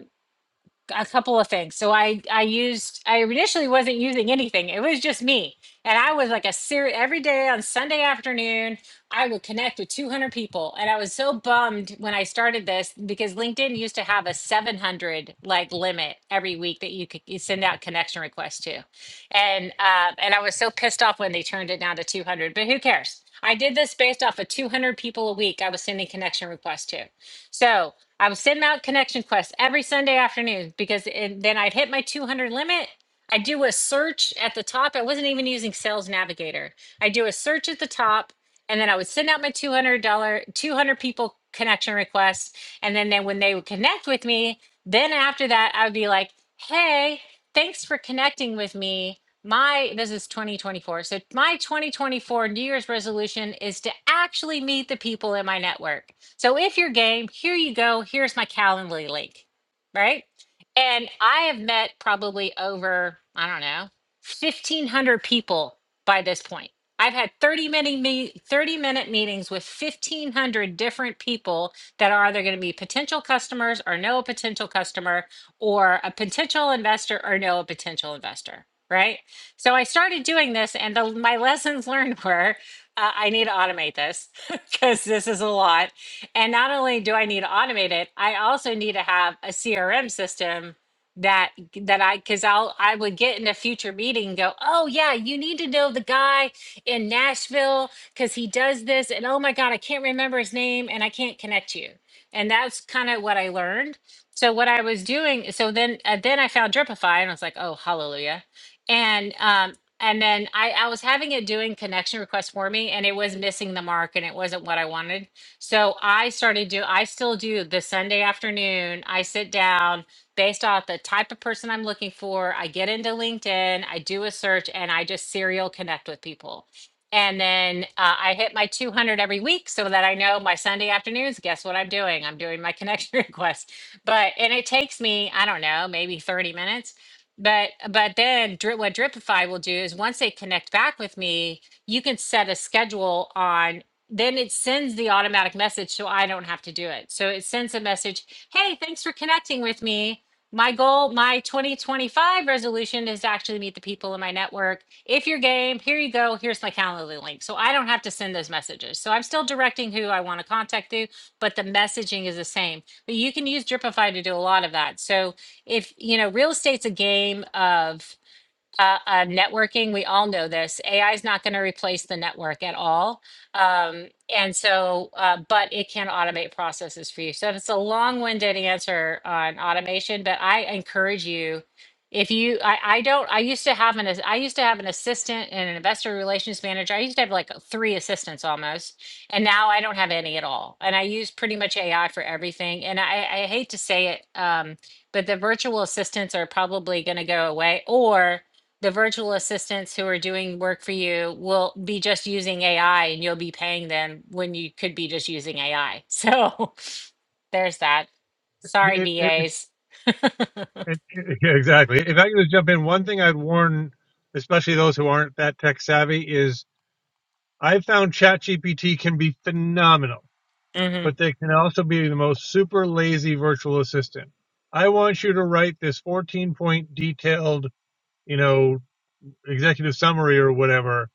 A: a couple of things. So I I used I initially wasn't using anything. It was just me. And I was like a serious every day on Sunday afternoon, I would connect with 200 people. And I was so bummed when I started this because LinkedIn used to have a 700 like limit every week that you could you send out connection requests to. And uh, and I was so pissed off when they turned it down to 200, but who cares? I did this based off of 200 people a week I was sending connection requests to. So I was sending out connection quests every Sunday afternoon because it, then I'd hit my 200 limit. I do a search at the top. I wasn't even using Sales Navigator. I do a search at the top, and then I would send out my $200, 200 people connection requests. And then, then when they would connect with me, then after that, I would be like, hey, thanks for connecting with me. My this is 2024. So my 2024 New Year's resolution is to actually meet the people in my network. So if you're game, here you go. Here's my Calendly link, right? And I have met probably over, I don't know, 1,500 people by this point. I've had 30 minute, me- 30 minute meetings with 1,500 different people that are either going to be potential customers or know a potential customer or a potential investor or know a potential investor, right? So I started doing this, and the, my lessons learned were uh, I need to automate this because this is a lot and not only do I need to automate it, I also need to have a CRM system that that I because I'll I would get in a future meeting and go, oh yeah, you need to know the guy in Nashville because he does this, and oh my God, I can't remember his name and I can't connect you. And that's kind of what I learned. So what I was doing, so then uh, then I found Dripify and I was like, oh hallelujah. And um and then I, I was having it doing connection requests for me and it was missing the mark and it wasn't what I wanted. So I started do I still do the Sunday afternoon. I sit down based off the type of person I'm looking for. I get into LinkedIn, I do a search, and I just serial connect with people. And then uh, I hit my 200 every week so that I know my Sunday afternoons. Guess what I'm doing? I'm doing my connection request. But and it takes me I don't know maybe 30 minutes. But but then drip, what Dripify will do is once they connect back with me, you can set a schedule on then it sends the automatic message so I don't have to do it. So it sends a message, hey, thanks for connecting with me. My goal, my 2025 resolution is to actually meet the people in my network. If you're game, here you go. Here's my Calendly link. So I don't have to send those messages. So I'm still directing who I want to contact you, but the messaging is the same. But you can use Dripify to do a lot of that. So if, you know, real estate's a game of uh, uh, networking, we all know this. AI is not going to replace the network at all. Um, and so, uh, but it can automate processes for you. So it's a long winded answer on automation, but I encourage you. If you, I, I don't, I used to have an, as- I used to have an assistant and an investor relations manager. I used to have like three assistants almost. And now I don't have any at all. And I use pretty much AI for everything. And I, I hate to say it, um, but the virtual assistants are probably going to go away or the virtual assistants who are doing work for you will be just using AI and you'll be paying them when you could be just using AI. So there's that. Sorry,
F: it, it, it,
A: VAs.
F: it, yeah, exactly. If I could just jump in, one thing I'd warn, especially those who aren't that tech savvy, is I have found ChatGPT can be phenomenal,
A: hmm
F: but they can also be the most super lazy virtual assistant. I want you to write this 14 point detailed, you know, executive summary or whatever,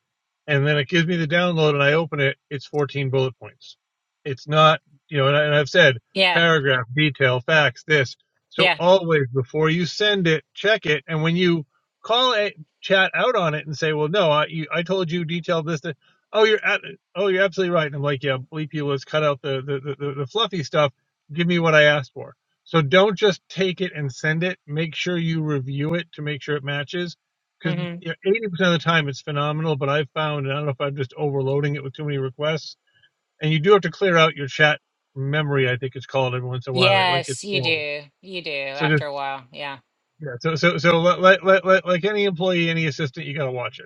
F: and then it gives me the download and I open it, it's 14 bullet points. It's not, you know, and, I, and I've said
A: Yeah.
F: paragraph, detail, facts, this. So
A: Yeah.
F: always before you send it, check it. And when you call a chat out on it and say, well, no, I, you, I told you detail this, that. Oh, you're at, oh, you're absolutely right. And I'm like, yeah, bleep you. Let's cut out the, the, the, the fluffy stuff. Give me what I asked for. So don't just take it and send it. Make sure you review it to make sure it matches because
A: hmm
F: you know, 80% of the time it's phenomenal, but I've found, and I don't know if I'm just overloading it with too many requests, and you do have to clear out your chat memory, I think it's called every once in a while. Like, like it's
A: Yes, you
F: full.
A: do. You do
F: So
A: after
F: just,
A: a while. Yeah.
F: yeah, so, so, so like, like, like, like any employee, any assistant, you got to watch it.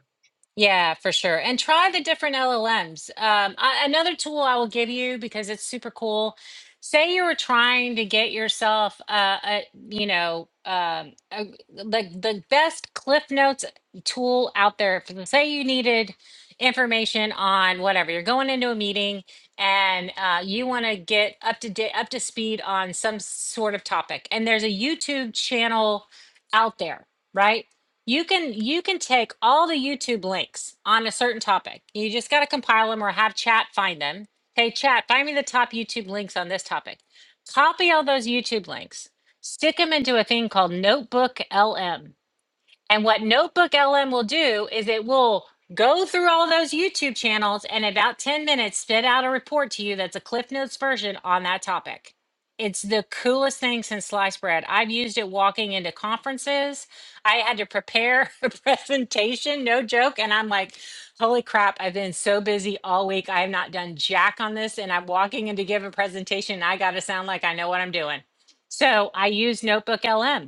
A: Yeah, for sure. And try the different LLMs. Um, I, another tool I will give you because it's super cool. Say you were trying to get yourself, uh, a, you know, um, a, the the best Cliff Notes tool out there. For, say you needed information on whatever you're going into a meeting and uh, you want to get up to date, up to speed on some sort of topic. And there's a YouTube channel out there, right? You can you can take all the YouTube links on a certain topic. You just got to compile them or have chat find them. Hey chat, find me the top YouTube links on this topic. Copy all those YouTube links. Stick them into a thing called Notebook LM. And what Notebook LM will do is it will go through all those YouTube channels and in about 10 minutes spit out a report to you that's a Cliff Notes version on that topic. It's the coolest thing since sliced bread. I've used it walking into conferences. I had to prepare a presentation, no joke. And I'm like, holy crap, I've been so busy all week. I have not done jack on this. And I'm walking in to give a presentation. And I got to sound like I know what I'm doing. So I use Notebook LM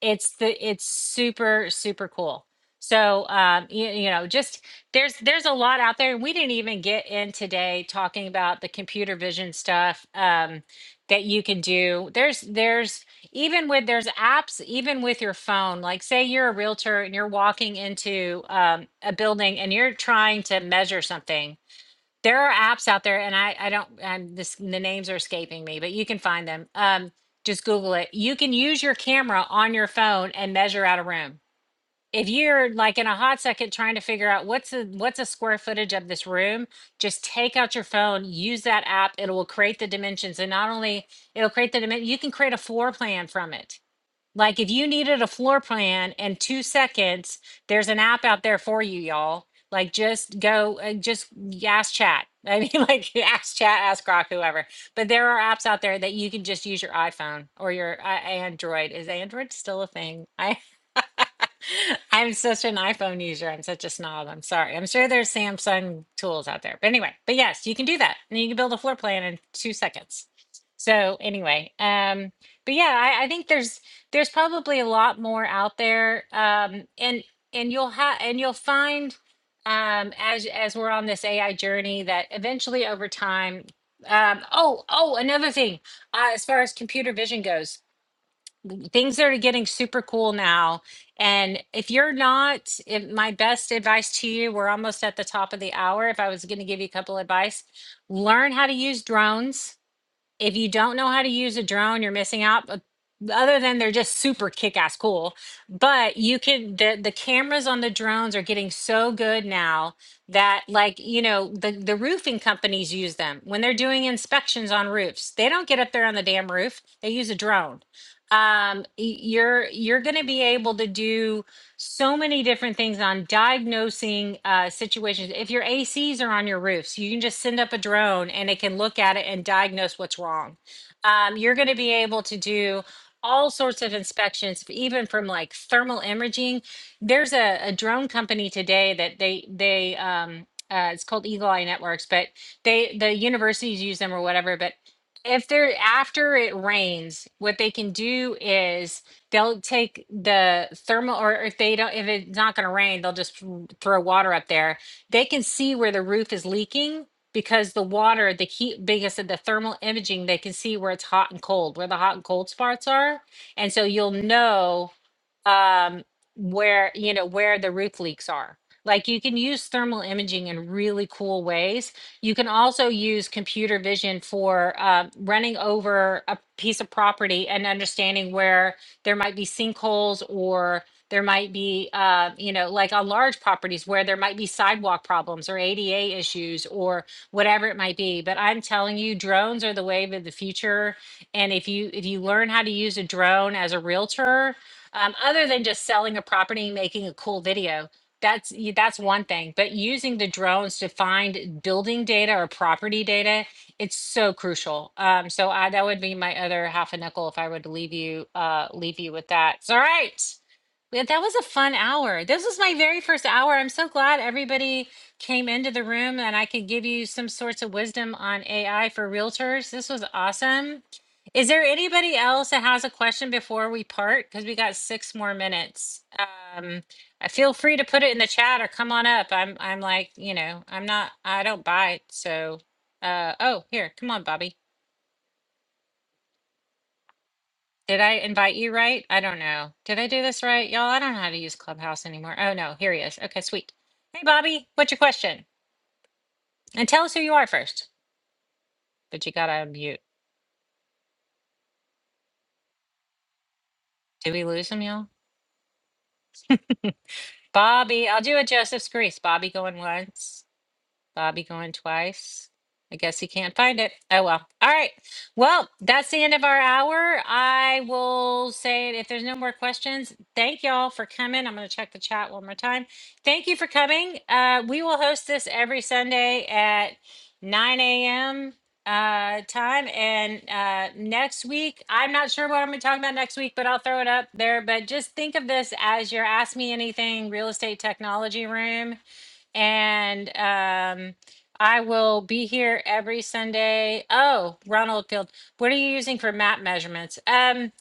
A: it's the it's super super cool so um you, you know just there's there's a lot out there and we didn't even get in today talking about the computer vision stuff um that you can do there's there's even with there's apps even with your phone like say you're a realtor and you're walking into um, a building and you're trying to measure something there are apps out there and i i don't i'm this the names are escaping me but you can find them um just google it you can use your camera on your phone and measure out a room if you're like in a hot second trying to figure out what's a what's a square footage of this room just take out your phone use that app it will create the dimensions and not only it'll create the dimension you can create a floor plan from it like if you needed a floor plan in two seconds, there's an app out there for you, y'all. Like just go, uh, just ask chat. I mean, like ask chat, ask Grok, whoever. But there are apps out there that you can just use your iPhone or your uh, Android. Is Android still a thing? I. I'm such an iPhone user. I'm such a snob. I'm sorry. I'm sure there's Samsung tools out there. But anyway, but yes, you can do that. And you can build a floor plan in two seconds. So anyway, um, but yeah, I, I think there's there's probably a lot more out there. Um and and you'll have and you'll find um as as we're on this AI journey that eventually over time um oh oh another thing uh, as far as computer vision goes things are getting super cool now. And if you're not, if my best advice to you, we're almost at the top of the hour. If I was going to give you a couple advice, learn how to use drones if you don't know how to use a drone, you're missing out. But other than they're just super kick-ass cool, but you can the the cameras on the drones are getting so good now that like you know the the roofing companies use them when they're doing inspections on roofs. They don't get up there on the damn roof. They use a drone. Um, y- you're you're going to be able to do so many different things on diagnosing uh, situations. If your ACs are on your roofs, you can just send up a drone and it can look at it and diagnose what's wrong. Um, you're going to be able to do all sorts of inspections, even from like thermal imaging. There's a, a drone company today that they they um, uh, it's called Eagle Eye Networks, but they the universities use them or whatever. But if they're after it rains, what they can do is they'll take the thermal or if they don't if it's not going to rain they'll just throw water up there they can see where the roof is leaking because the water the heat because of the thermal imaging they can see where it's hot and cold where the hot and cold spots are and so you'll know um, where you know where the roof leaks are. Like you can use thermal imaging in really cool ways. You can also use computer vision for uh, running over a piece of property and understanding where there might be sinkholes or there might be uh, you know like on large properties where there might be sidewalk problems or ada issues or whatever it might be but i'm telling you drones are the wave of the future and if you if you learn how to use a drone as a realtor um, other than just selling a property and making a cool video that's y- that's one thing but using the drones to find building data or property data it's so crucial um, so I, that would be my other half a nickel if i were to leave you uh, leave you with that so all right yeah, that was a fun hour. This was my very first hour. I'm so glad everybody came into the room and I could give you some sorts of wisdom on AI for realtors. This was awesome. Is there anybody else that has a question before we part? Because we got six more minutes. Um, I feel free to put it in the chat or come on up. I'm I'm like, you know, I'm not I don't buy, it. so uh oh, here, come on, Bobby. Did I invite you right? I don't know. Did I do this right, y'all? I don't know how to use Clubhouse anymore. Oh no, here he is. Okay, sweet. Hey, Bobby, what's your question? And tell us who you are first. But you gotta unmute. Did we lose him, y'all? Bobby, I'll do a Joseph's Grease. Bobby going once. Bobby going twice. I guess he can't find it. Oh well. All right. Well, that's the end of our hour. I will say if there's no more questions, thank y'all for coming. I'm going to check the chat one more time. Thank you for coming. Uh, we will host this every Sunday at 9 a.m. Uh, time. And uh, next week, I'm not sure what I'm going to talk about next week, but I'll throw it up there. But just think of this as your Ask Me Anything real estate technology room and um, I will be here every Sunday. Oh, Ronald Field, what are you using for map measurements? Um,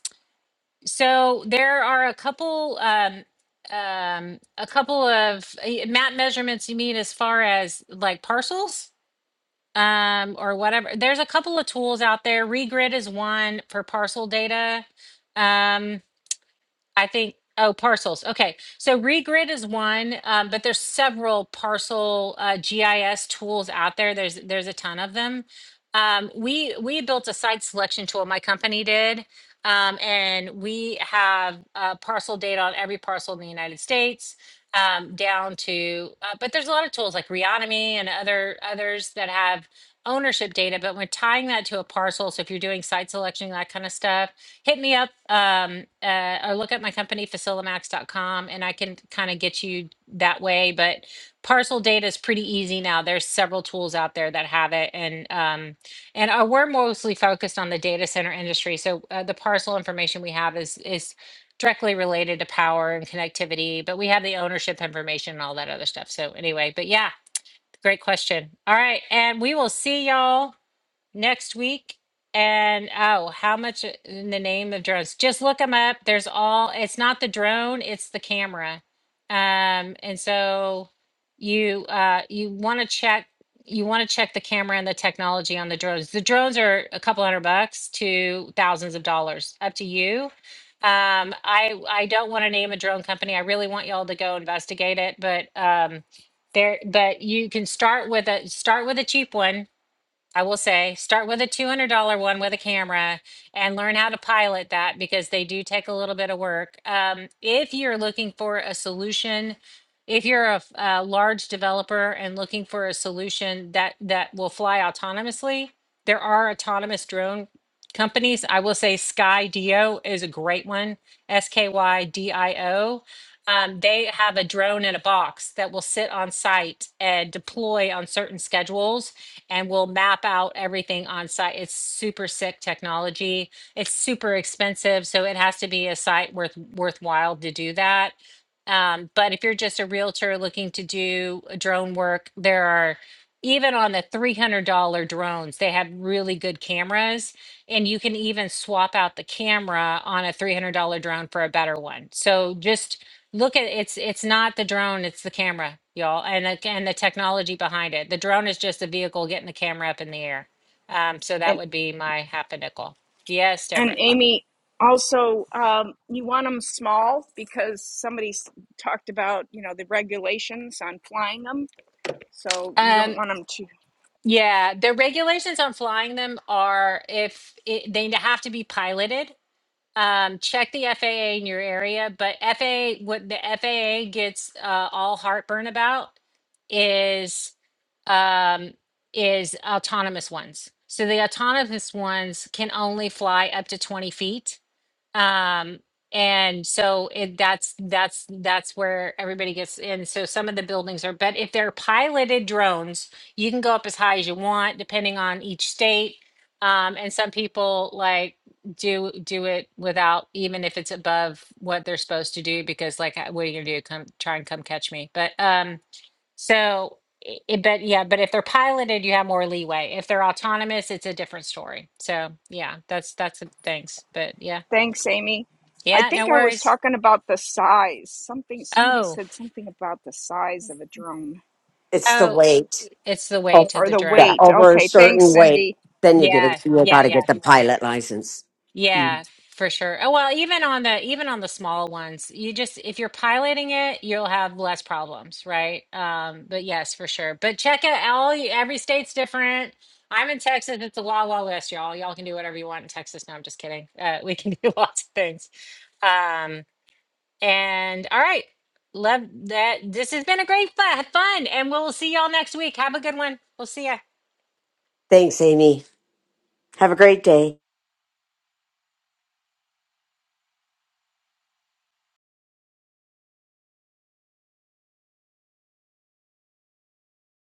A: so there are a couple, um, um, a couple of uh, map measurements you mean as far as like parcels um, or whatever. There's a couple of tools out there. Regrid is one for parcel data. Um, I think, oh, parcels. Okay. So Regrid is one, um, but there's several parcel uh, GIS tools out there. There's there's a ton of them. Um, we we built a site selection tool. My company did, um, and we have uh, parcel data on every parcel in the United States, um, down to. Uh, but there's a lot of tools like Reonomy and other others that have ownership data. But when tying that to a parcel, so if you're doing site selection, that kind of stuff hit me up um, uh, or look up my company facilimax.com and i can kind of get you that way but parcel data is pretty easy now there's several tools out there that have it and um, and uh, we're mostly focused on the data center industry so uh, the parcel information we have is is directly related to power and connectivity but we have the ownership information and all that other stuff so anyway but yeah great question all right and we will see y'all next week. And oh, how much in the name of drones? Just look them up. There's all, it's not the drone, it's the camera. Um, and so you uh you want to check you want to check the camera and the technology on the drones. The drones are a couple hundred bucks to thousands of dollars, up to you. Um, I I don't want to name a drone company. I really want y'all to go investigate it, but um there but you can start with a start with a cheap one I will say, start with a $200 one with a camera and learn how to pilot that because they do take a little bit of work. Um, if you're looking for a solution, if you're a, f- a large developer and looking for a solution that that will fly autonomously, there are autonomous drone companies. I will say Skydio is a great one. S K Y D I O. Um, they have a drone in a box that will sit on site and deploy on certain schedules and we'll map out everything on site. It's super sick technology. It's super expensive, so it has to be a site worth worthwhile to do that. Um, but if you're just a realtor looking to do drone work, there are even on the $300 drones, they have really good cameras and you can even swap out the camera on a $300 drone for a better one. So just Look at it's it's not the drone, it's the camera, y'all, and the- and the technology behind it. The drone is just a vehicle getting the camera up in the air. Um, so that
B: And,
A: would be my half a nickel. Yes,
B: and
A: Deborah.
B: Amy, also, um, you want them small because somebody s- talked about, you know, the regulations on flying them. So you don't
A: Um,
B: want them to.
A: yeah, the regulations on flying them are if it, they have to be piloted. um, check the FAA in your area. But FAA, what the FAA gets uh, all heartburn about is um, is autonomous ones. So the autonomous ones can only fly up to 20 feet um and so it that's that's that's where everybody gets in so some of the buildings are but if they're piloted drones you can go up as high as you want depending on each state um and some people like do do it without even if it's above what they're supposed to do because like uh, what are you gonna do come try and come catch me but um so i- i- but yeah but if they're piloted you have more leeway if they're autonomous it's a different story so yeah that's that's the things but yeah
B: Thanks, Amy. I
A: yeah, no
B: think I was
A: worries.
B: talking about the size. Something somebody
A: Oh,
B: said something about the size of a drone
E: It's the
A: oh,
E: weight.
A: it's the way
E: Oh,
A: to
B: or
A: the
B: the
E: yeah,
A: drone.
B: weight.
E: over a
B: Okay, thanks,
E: certain weight,
B: Cindy.
E: then you get a,
A: Yeah,
E: you got
A: yeah,
E: to
A: yeah,
E: get the pilot license.
A: yeah,
E: Mm.
A: for sure. Oh, well, even on the even on the small ones, you just if you're piloting it, you'll have less problems, right? Um, but yes, for sure. But check it all. Every state's different. I'm in Texas. It's the Wild Wild West, y'all. Y'all can do whatever you want in Texas. No, I'm just kidding. Uh, we can do lots of things. Um, And all right, love that. This has been a great fu- fun, and we'll see y'all next week. Have a good one. We'll see ya.
E: Thanks, Amy. Have a great day.